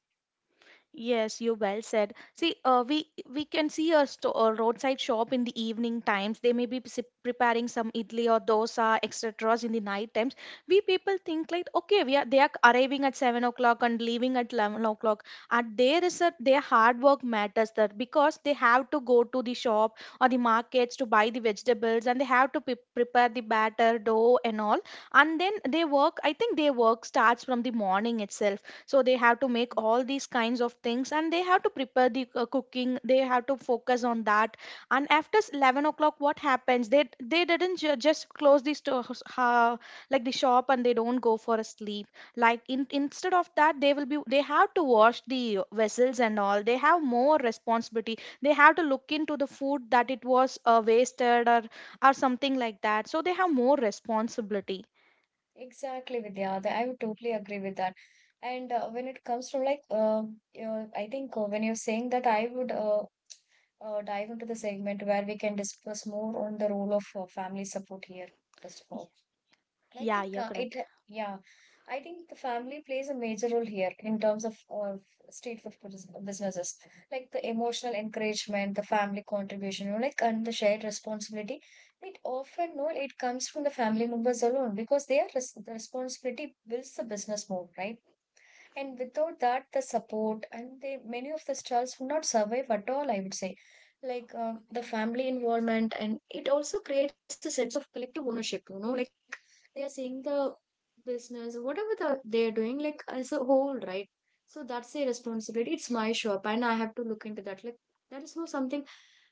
Yes, you well said. See, uh, we we can see a, sto- a roadside shop in the evening times. They may be s- preparing some idli or dosa, et cetera in the night times. We people think like, okay, we are they are arriving at seven o'clock and leaving at eleven o'clock. And there is a their hard work matters that, because they have to go to the shop or the markets to buy the vegetables, and they have to pre- prepare the batter, dough, and all. And then they work. I think their work starts from the morning itself, so they have to make all these kinds of things, and they have to prepare the uh, cooking, they have to focus on that. And after s- eleven o'clock what happens, they they didn't ju- just close the store, uh, like the shop, and they don't go for a sleep. Like in, instead of that, they will be they have to wash the vessels and all. They have more responsibility. They have to look into the food that it was uh, wasted, or or something like that. So they have more responsibility. Exactly, Vidya. That- I would totally agree with that. And uh, when it comes to like uh, you know, I think uh, when you're saying that I would uh, uh, dive into the segment where we can discuss more on the role of uh, family support here first of Y- all. I yeah think you're uh, it, correct. yeah, I think the family plays a major role here in terms of, of street food bus- businesses, like the emotional encouragement, the family contribution, you know, like and the shared responsibility. It often, no, it comes from the family members alone because they are res the responsibility builds the business more, right? And without that, the support and the many of the stalls would not survive at all, I would say. Like um, the family involvement, and it also creates a sense of collective ownership, you know, like they are seeing the business, whatever the, they're doing, like as a whole, right? So that's their responsibility. It's my shop, and I have to look into that. Like that is not something.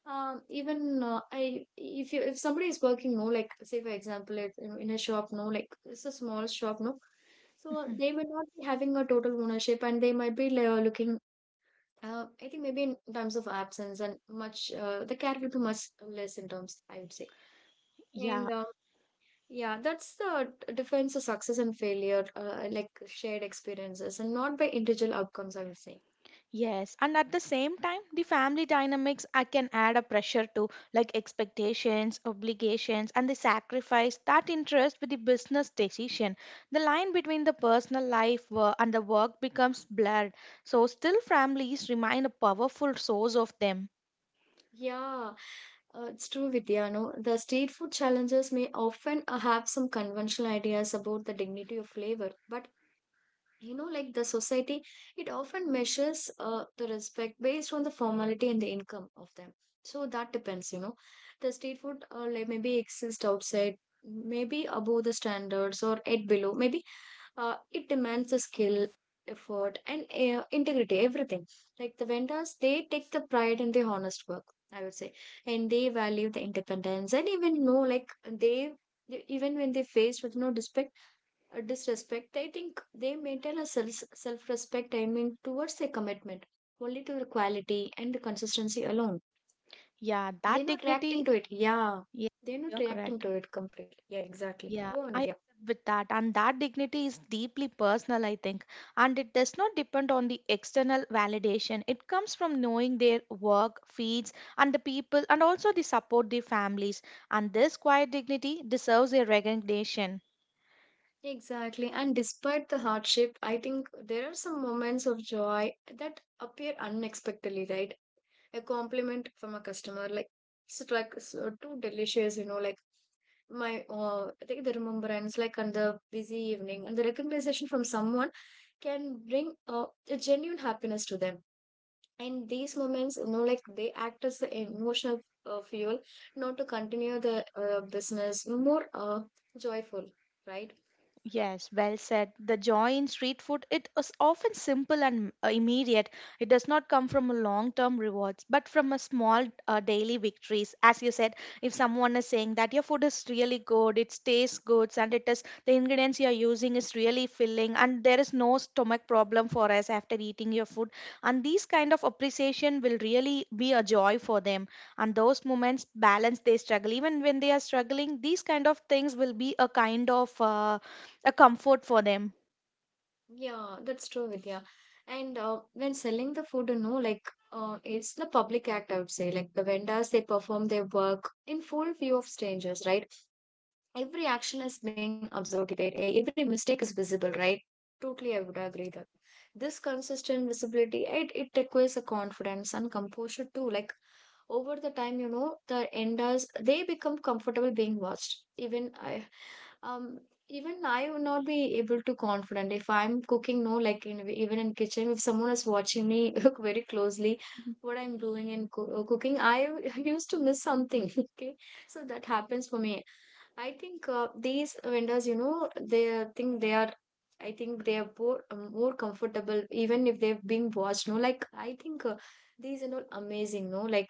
Um, even uh, I, if you, if somebody is working, no, like say for example, it you know, in a shop, no, like it's a small shop, no. So they will not be having a total ownership, and they might be like, uh, looking. Uh, I think maybe in terms of absence and much, uh, the care will be much less in terms, I would say. Yeah. And uh, yeah, that's the d- defines of success and failure, uh, like shared experiences, and not by individual outcomes, I would say. Yes, and at the same time, the family dynamics I can add a pressure to, like expectations, obligations, and the sacrifice that interest with the business decision. The line between the personal life wo- and the work becomes blurred. So still, families remain a powerful source of them. Yeah, uh, it's true, Vidya. No, the street food challenges may often uh, have some conventional ideas about the dignity of flavor, but you know like the society it often measures uh, the respect based on the formality and the income of them, so that depends, you know. The street food uh, like maybe exist outside, maybe above the standards or at below maybe, uh, it demands the skill, effort and uh, integrity, everything. Like the vendors, they take the pride in the honest work, I would say. And they value the independence, and even know like they they- even when they faced with no respect, a disrespect, I think they maintain a self self respect. I mean, towards their commitment only to the quality and the consistency alone. Yeah, They're that not dignity. reacting to it. Yeah, Yes, they're not you're reacting correct. to it completely. Yeah, exactly. Yeah, Go on, I Vidya. accept with that. And that dignity is deeply personal, I think. And it does not depend on the external validation. It comes from knowing their work, feeds, and the people, and also the support their families. And this quiet dignity deserves a recognition. Exactly. And despite the hardship, I think there are some moments of joy that appear unexpectedly, right? A compliment from a customer, like it's like so too delicious, you know, like my uh, I think the remembrance like on the busy evening and the recommendation from someone can bring uh, a genuine happiness to them. And these moments, you know, like they act as the emotional uh, fuel not to continue the uh, business more uh, joyful, right? Yes, well said. The joy in street food it is often simple and uh, immediate. It does not come from a long-term rewards, but from a small uh, daily victories. As you said, if someone is saying that your food is really good, it tastes good, and it is the ingredients you are using is really filling, and there is no stomach problem for us after eating your food, and these kind of appreciation will really be a joy for them. And those moments balance they struggle. Even when they are struggling, these kind of things will be a kind of uh, a comfort for them. Yeah, that's true, Vidya. And uh, when selling the food, you know, like uh, it's the public act, I would say. Like the vendors, they perform their work in full view of strangers, right? Every action is being observed, right? E- every mistake is visible, right? Totally, I would agree that. This consistent visibility, it, it requires a confidence and composure too, like over the time, you know, the enders they become comfortable being watched. Even I, um even I would not be able to confident if I'm cooking, no, like in, even in kitchen if someone is watching me look very closely what I'm doing in coo- uh, cooking, I used to miss something okay. So that happens for me. I think uh, these vendors, you know, they think they are. I think they are more, more comfortable, even if they've been watched. No, like I think uh, these are all amazing. No, like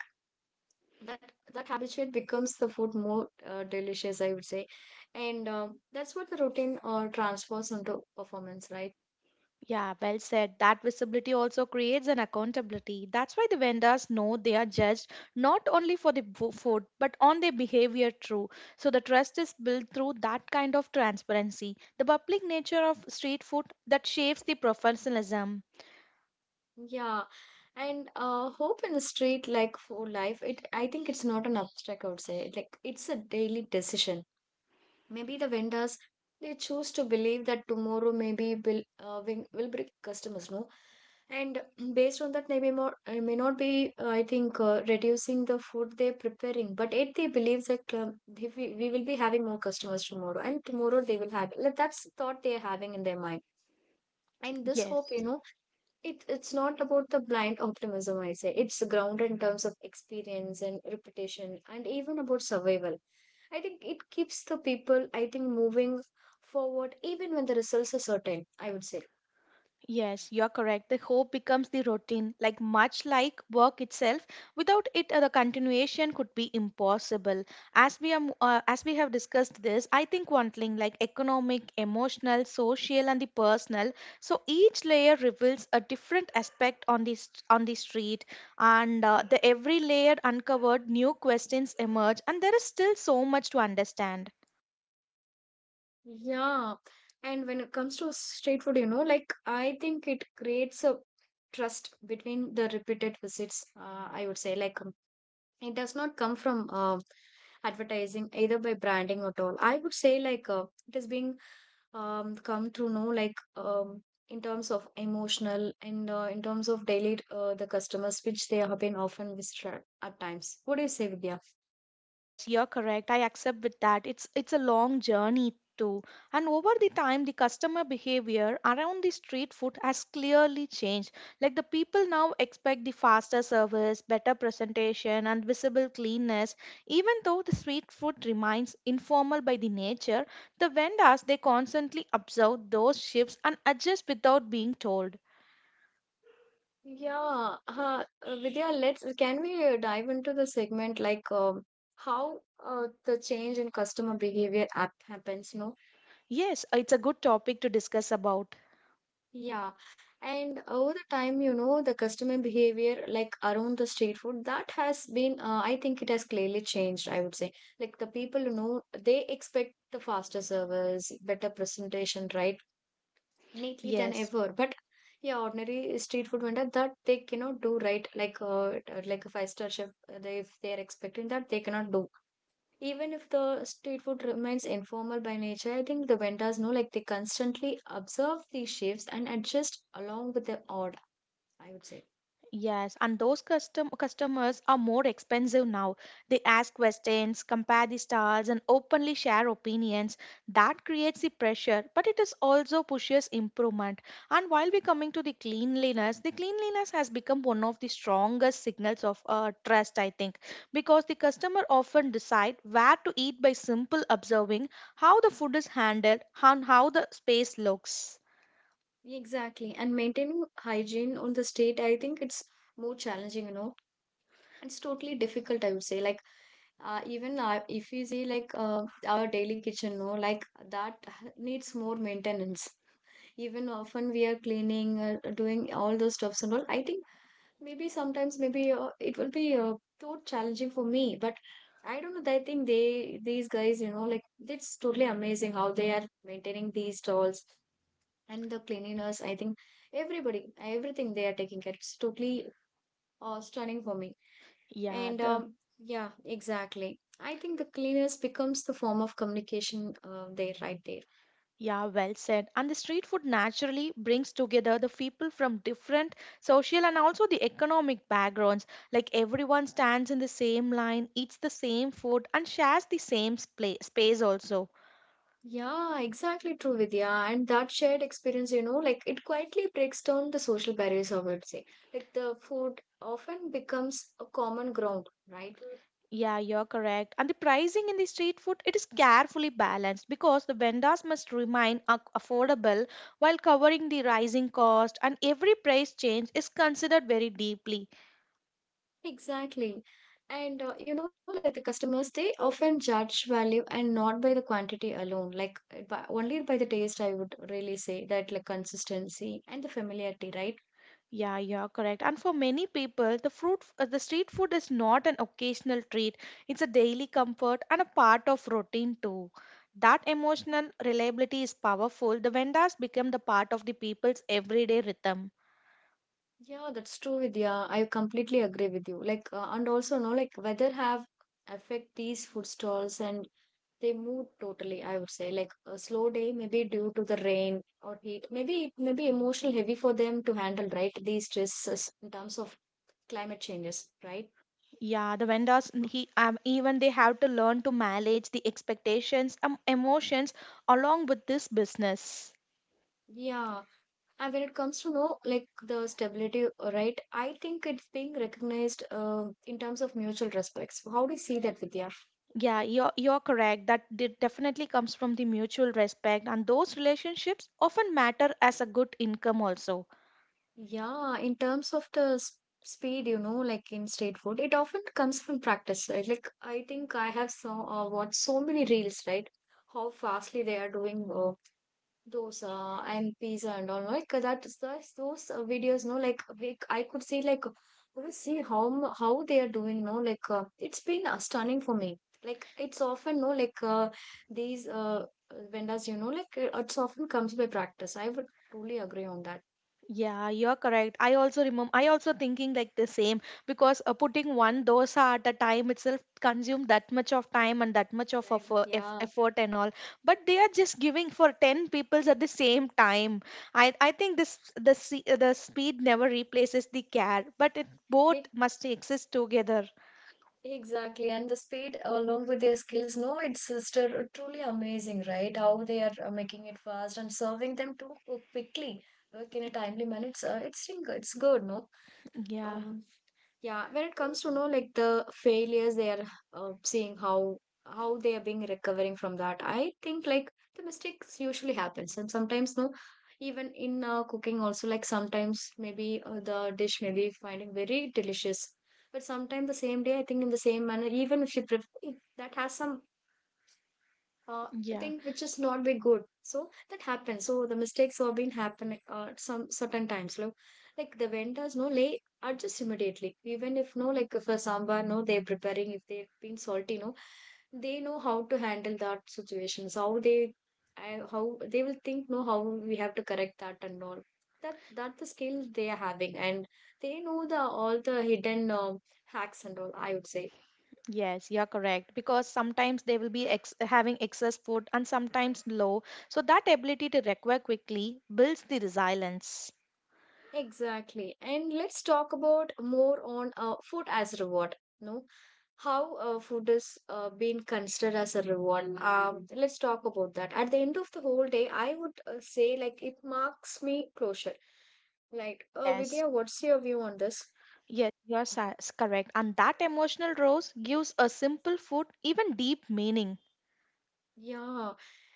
that that habituate becomes the food more uh, delicious, I would say. And um that's what the routine uh, transfers into performance, right? Yeah, well said. That visibility also creates an accountability. That's why the vendors know they are judged not only for the bo- food but on their behavior too. So the trust is built through that kind of transparency. The public nature of street food that shapes the professionalism. Yeah, and uh, hope in the street, like for life, it, I think it's not an abstract, I would say. Like it's a daily decision. Maybe the vendors, they choose to believe that tomorrow maybe will uh, win- will bring customers, no? And based on that, they may not, uh, may not be, uh, I think, uh, reducing the food they're preparing. But it they believe that um, they, we, we will be having more customers tomorrow, and tomorrow they will have. Like, that's the thought they're having in their mind. And this hope, you Yes. know, it it's not about the blind optimism, I say. It's grounded in terms of experience and reputation and even about survival. I think it keeps the people, I think, moving forward even when the results are certain, I would say. Yes, you're correct. The hope becomes the routine, like much like work itself. Without it, uh, the continuation could be impossible. As we are, mo- uh, as we have discussed this, I think one thing like economic, emotional, social, and the personal. So each layer reveals a different aspect on the st- on the street, and uh, the every layer uncovered, new questions emerge, and there is still so much to understand. Yeah, and when it comes to street food, you know, like I think it creates a trust between the repeated visits, uh, I would say. Like um, it does not come from um advertising either by branding at all, I would say. Like uh, it is being um, come through know like um, in terms of emotional and uh, in terms of daily uh, the customers which they have been often visited at times. What do you say, Vidya? Yes, you're correct. I accept with that. It's it's a long journey too. And over the time, the customer behavior around the street food has clearly changed. Like the people now expect the faster service, better presentation, and visible cleanness. Even though the street food remains informal by the nature, the vendors they constantly observe those shifts and adjust without being told. Yeah, uh, uh, Vidya, let's can we uh, dive into the segment like um, how uh, the change in customer behavior app happens, no? Yes, it's a good topic to discuss about. Yeah. And over the time, you know, the customer behavior, like around the street food, that has been, uh, I think it has clearly changed, I would say. Like the people, you know, they expect the faster service, better presentation, right? Neatly than Yes. ever. But yeah, ordinary street food vendor that they cannot do, right. Like uh, like a five-star chef, uh, they, if they are expecting that, they cannot do. Even if the street food remains informal by nature, I think the vendors know like they constantly observe these shifts and adjust along with the order, I would say. Yes, and those custom customers are more expensive now. They ask questions, compare the styles, and openly share opinions. That creates the pressure, but it is also pushes improvement. And while we're coming to the cleanliness, the cleanliness has become one of the strongest signals of uh, trust, I think, because the customer often decide where to eat by simple observing how the food is handled and how the space looks. Exactly. And maintaining hygiene on the state, I think it's more challenging, you know. It's totally difficult, I would say. Like, uh, even uh, if you see, like, uh, our daily kitchen, no, like, that needs more maintenance. Even often we are cleaning, uh, doing all those stuffs and all. I think maybe sometimes, maybe uh, it will be uh, too challenging for me. But I don't know. I think they, these guys, you know, like, it's totally amazing how they are maintaining these stalls and the cleanliness. I think everybody everything they are taking care, it's totally uh, stunning for me. Yeah, And the um, yeah, exactly, I think the cleanliness becomes the form of communication uh, there, right, there. Yeah, well said. And the street food naturally brings together the people from different social and also the economic backgrounds. Like everyone stands in the same line, eats the same food, and shares the same spla- space also. Yeah, exactly, true, Vidya. And that shared experience, you know, like it quietly breaks down the social barriers, I would say. Like the food often becomes a common ground, right? Yeah, you're correct. And the pricing in the street food, it is carefully balanced because the vendors must remain ac- affordable while covering the rising cost, and every price change is considered very deeply. Exactly. And uh, you know, like the customers, they often judge value and not by the quantity alone, like uh, by, only by the taste, I would really say that, like consistency and the familiarity, right? Yeah, you're correct. And for many people, the fruit, uh, the street food is not an occasional treat. It's a daily comfort and a part of routine too. That emotional reliability is powerful. The vendors become the part of the people's everyday rhythm. Yeah, that's true, Vidya. I completely agree with you. Like, uh, and also, no, like weather have affect these food stalls and they move totally, I would say. Like a slow day, maybe due to the rain or heat, maybe it may be emotional heavy for them to handle, right? These stresses in terms of climate changes, right? Yeah, the vendors n- he um, even they have to learn to manage the expectations and emotions along with this business. Yeah. And when it comes to know like the stability, uh, right? I think it's being recognized uh, in terms of mutual respects. How do you see that, Vidya? Yeah, you're you're correct. That de- definitely comes from the mutual respect, and those relationships often matter as a good income also. Yeah, in terms of the s- speed, you know, like in state food, it often comes from practice, right? Like I think I have saw uh, watched so many reels, right? How fastly they are doing uh, those uh, and pizza and all like that is those, those uh, videos no like we, I could see like I could see how m- how they are doing no like uh, it's been uh, stunning for me like it's often no like uh, these uh, vendors you know like uh, it's often comes by practice. I would truly agree on that. Yeah, you're correct. I also remember, I also thinking like the same because uh, putting one dosa at a time itself consume that much of time and that much of I, effo- eff- yeah effort and all. But they are just giving for ten peoples at the same time. I, I think this the se- uh, the speed never replaces the care, but it both Hey, must exist together. exactly, and the speed along with their skills, no, it's just uh, truly amazing, right? How they are uh, making it fast and serving them too quickly, like in a timely manner. It's uh, it's think it's good, no? Yeah, um yeah, when it comes to know like the failures they are uh, seeing how how they are being recovering from that, I think like the mistakes usually happens and sometimes no, even in uh, cooking also, like sometimes maybe uh, the dish may be finding very delicious, but sometimes the same day I think in the same manner even if you pref- if that has some uh, I yeah. think which is not be good. So that happens. So the mistakes have been happening uh, some certain times. Like, like the vendors no they adjust immediately. Even if no like for sambar no they're preparing, if they've been salty no, they know how to handle that situations. How they I, how they will think, no, how we have to correct that and all. That that the skill they are having, and they know the all the hidden um hacks and all, I would say. Yes, you're correct. Because sometimes they will be ex- having excess food and sometimes low. So that ability to recover quickly builds the resilience. Exactly. And let's talk about more on uh, food as reward. No, how uh, food is uh, being considered as a reward. Um, let's talk about that. At the end of the whole day, I would uh, say like it marks me closure. Like, uh, Yes, Vidya, what's your view on this? yes, you're sa- s- correct. And that emotional rose gives a simple food even deep meaning. Yeah,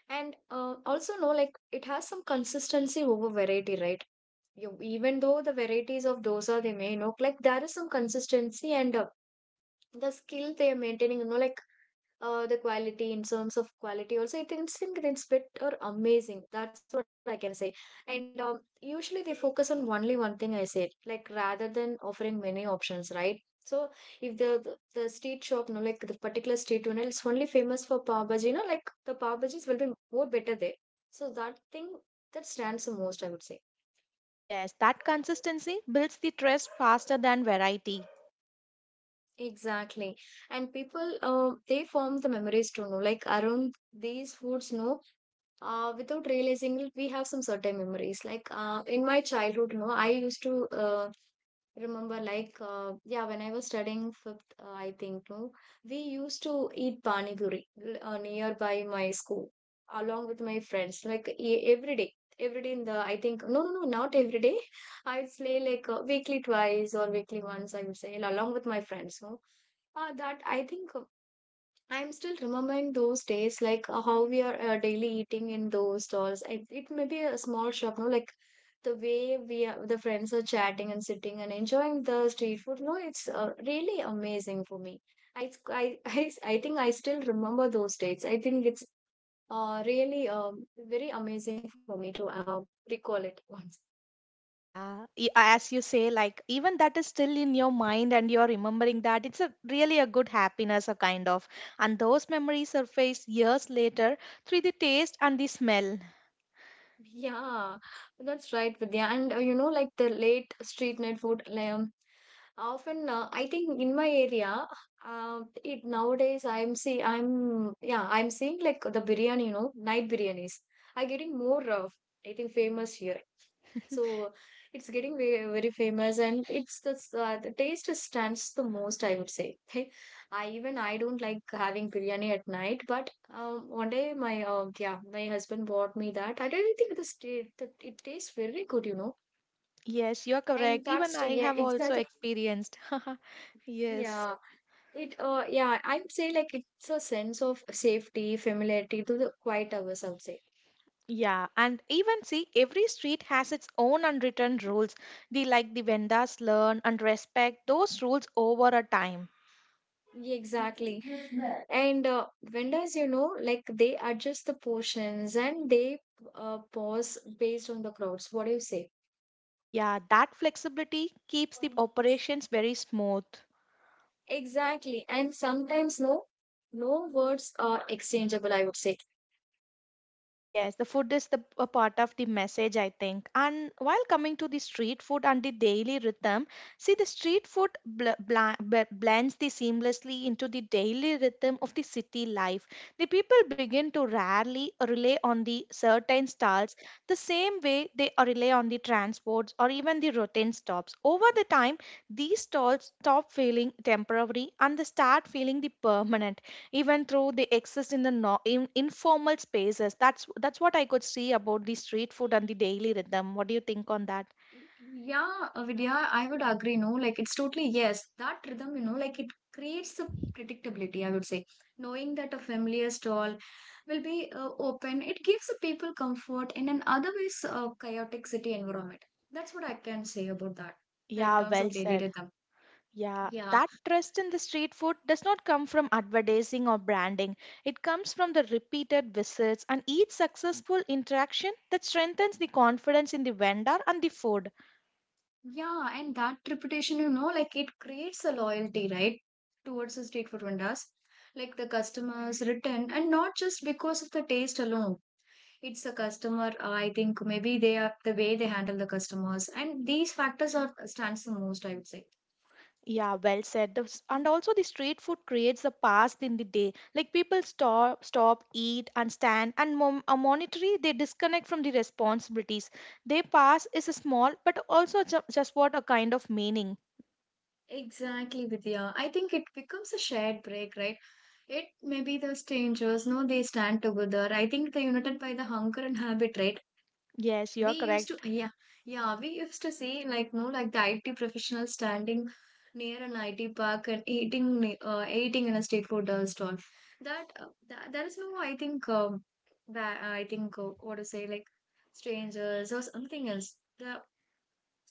and uh, also no, like it has some consistency over variety, right? You, even though the varieties of dosa they may know, like there is some consistency and uh, the skill they are maintaining. You know, like uh, the quality, in terms of quality also, it is think it's bit or amazing. That's what I can say. And um, usually they focus on only one thing, I said, like, rather than offering many options, right? So if the the, the street shop, no, like the particular street owner is only famous for pav bhaji, you know, like the pav bhajis will be more better there. So that thing, that stands the most, I would say. Yes, that consistency builds the trust faster than variety. Exactly, and people uh, they form the memories to know like around these foods, no, uh, without realizing it, we have some certain memories. Like uh, in my childhood, no, I used to uh, remember, like, uh, yeah, when I was studying fifth, uh, I think, no, we used to eat pani puri uh, nearby my school along with my friends, like e- every day. Every day in the, I think, no, no, no, not every day. I would say like uh, weekly twice or weekly once, I would say, along with my friends. No, uh, that I think I'm still remembering those days, like uh, how we are uh, daily eating in those stalls. It, it may be a small shop, no? Like the way we are, the friends are chatting and sitting and enjoying the street food. No, it's uh, really amazing for me. I, s- I, I, s- I think I still remember those dates. I think it's uh, really um, very amazing for me to uh, recall it once. Yeah, y- as you say, like even that is still in your mind and you're remembering that, it's a really a good happiness, a kind of. And those memories surface years later through the taste and the smell. Yeah, that's right, Vidya. And uh, you know, like the late street night food, like, um, often, uh, I think in my area, uh, it nowadays I'm see I'm yeah I'm seeing like the biryani, you know, night biryanis are getting more uh, I think famous here. So it's getting very, very famous, and it's the s- uh, the taste stands the most, I would say. I even I don't like having biryani at night, but um, one day my uh, yeah my husband bought me that. I didn't think the ta- that it tastes very good, you know, Yes, you're and correct. Even that's I yeah have also exactly. experienced. Yes. Yeah. It, uh, yeah, I would say like it's a sense of safety, familiarity to the quiet hours, I would say. Yeah, and even see, every street has its own unwritten rules. The like the vendors learn and respect those rules over a time. Yeah, exactly. And uh, vendors, you know, like they adjust the portions and they uh, pause based on the crowds. What do you say? Yeah, that flexibility keeps the operations very smooth. Exactly. And sometimes no, no words are exchangeable, I would say. Yes, the food is the a part of the message, I think. And while coming to the street food and the daily rhythm, see the street food bl- bl- blends the seamlessly into the daily rhythm of the city life. The people begin to rarely rely on the certain stalls the same way they rely on the transports or even the routine stops. Over the time, these stalls stop feeling temporary and they start feeling the permanent, even though they exist in the no- in, informal spaces. That's that's what I could see about the street food and the daily rhythm. What do you think on that? Yeah, uh, Vidya, I would agree. No, like it's totally yes. That rhythm, you know, like it creates a predictability, I would say. Knowing that a familiar stall will be uh, open, it gives the people comfort in an otherwise uh, chaotic city environment. That's what I can say about that, the, in Yeah, terms well of daily said. rhythm. Yeah, Yeah, that trust in the street food does not come from advertising or branding. It comes from the repeated visits, and each successful interaction that strengthens the confidence in the vendor and the food. yeah, and that reputation, you know, like it creates a loyalty, right, towards the street food vendors. Like the customers return, and not just because of the taste alone, it's a customer, uh, I think maybe they are the way they handle the customers, and these factors are stands the most, I would say. Yeah, well said. The s- And also, the street food creates a past in the day. Like people stop, stop, eat, and stand, and mom, a monetary, they disconnect from the responsibilities. They pass is a small, but also ju- just what a kind of meaning. Exactly, Vidya. I think it becomes a shared break, right? It may be the strangers, no, they stand together. I think they're united by the hunger and habit, right? Yes, you we are used to correct. yeah Yeah, we used to see like, no, like the I T professional standing near an I T park and eating ne- uh, eating in a street food uh, stall. That, uh, that there is no, I think, um ba- I think uh, what to say, like strangers or something else, the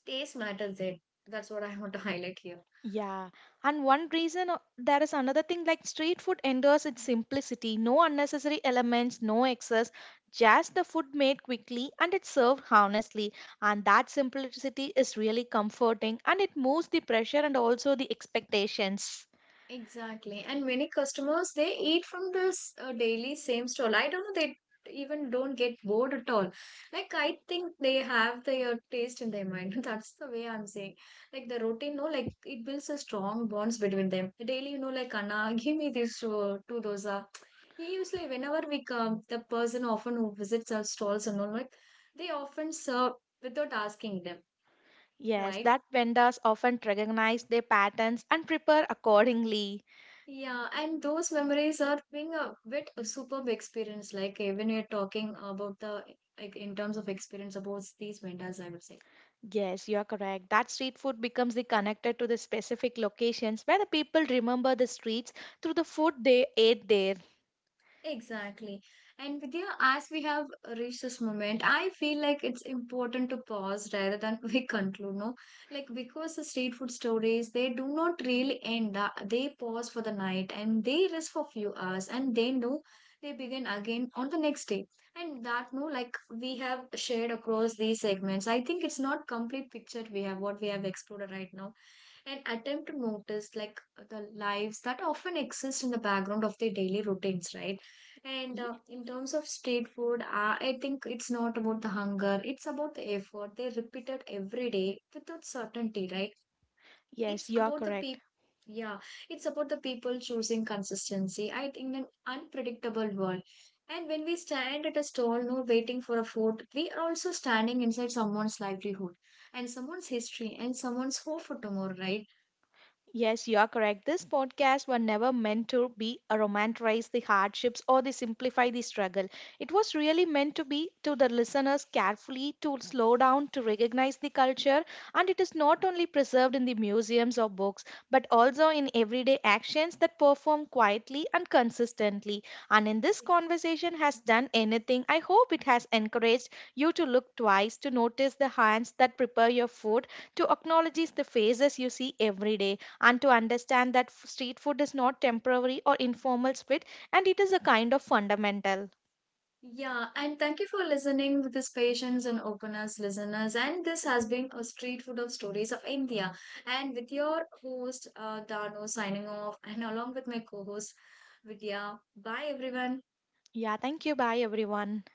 taste matters there. That's what I want to highlight here. Yeah, and one reason uh, there is another thing, like street food endures its simplicity, no unnecessary elements, no excess, just the food made quickly and it's served honestly. And that simplicity is really comforting, and it moves the pressure and also the expectations. Exactly. And many customers they eat from this uh, daily same stall. I don't know they even don't get bored at all. Like I think they have their taste in their mind. That's the way I'm saying. Like the routine, no, like it builds a strong bonds between them. Daily, you know, like Anna, give me this uh, two dosa. He usually whenever we come, the person often who visits our stalls and all like they often serve without asking them, Yes, right? that vendors often recognize their patterns and prepare accordingly. Yeah, and those memories are being a bit a superb experience. Like eh, when you're talking about the, like in terms of experience about these vendors, I would say. Yes, you are correct. That street food becomes the connected to the specific locations where the people remember the streets through the food they ate there. Exactly. And Vidya, as we have reached this moment, I feel like it's important to pause rather than we conclude, no? Like because the street food stories, they do not really end. uh, They pause for the night and they rest for few hours and they know they begin again on the next day. And that, no, like we have shared across these segments. I think it's not complete picture we have what we have explored right now and attempt to notice like the lives that often exist in the background of their daily routines, right? And uh, in terms of street food, uh, I think it's not about the hunger, it's about the effort. They repeat it every day without certainty, right? It's Yes, you're about the correct. people. Yeah, it's about the people choosing consistency, I think, an unpredictable world. And when we stand at a stall, no, waiting for a food, we are also standing inside someone's livelihood and someone's history and someone's hope for tomorrow, right? Yes, you are correct. This podcast were never meant to be a romanticize the hardships or the simplify the struggle. It was really meant to be to the listeners carefully to slow down to recognize the culture, and it is not only preserved in the museums or books, but also in everyday actions that perform quietly and consistently. And in this conversation has done anything, I hope it has encouraged you to look twice, to notice the hands that prepare your food, to acknowledge the faces you see every day, and to understand that f- street food is not temporary or informal split, and it is a kind of fundamental. Yeah, and thank you for listening with this patience and openness, listeners. And this has been a street food of stories of India. And with your host, uh, Dano, signing off, and along with my co host, Vidya. Bye, everyone. Yeah, thank you. Bye, everyone.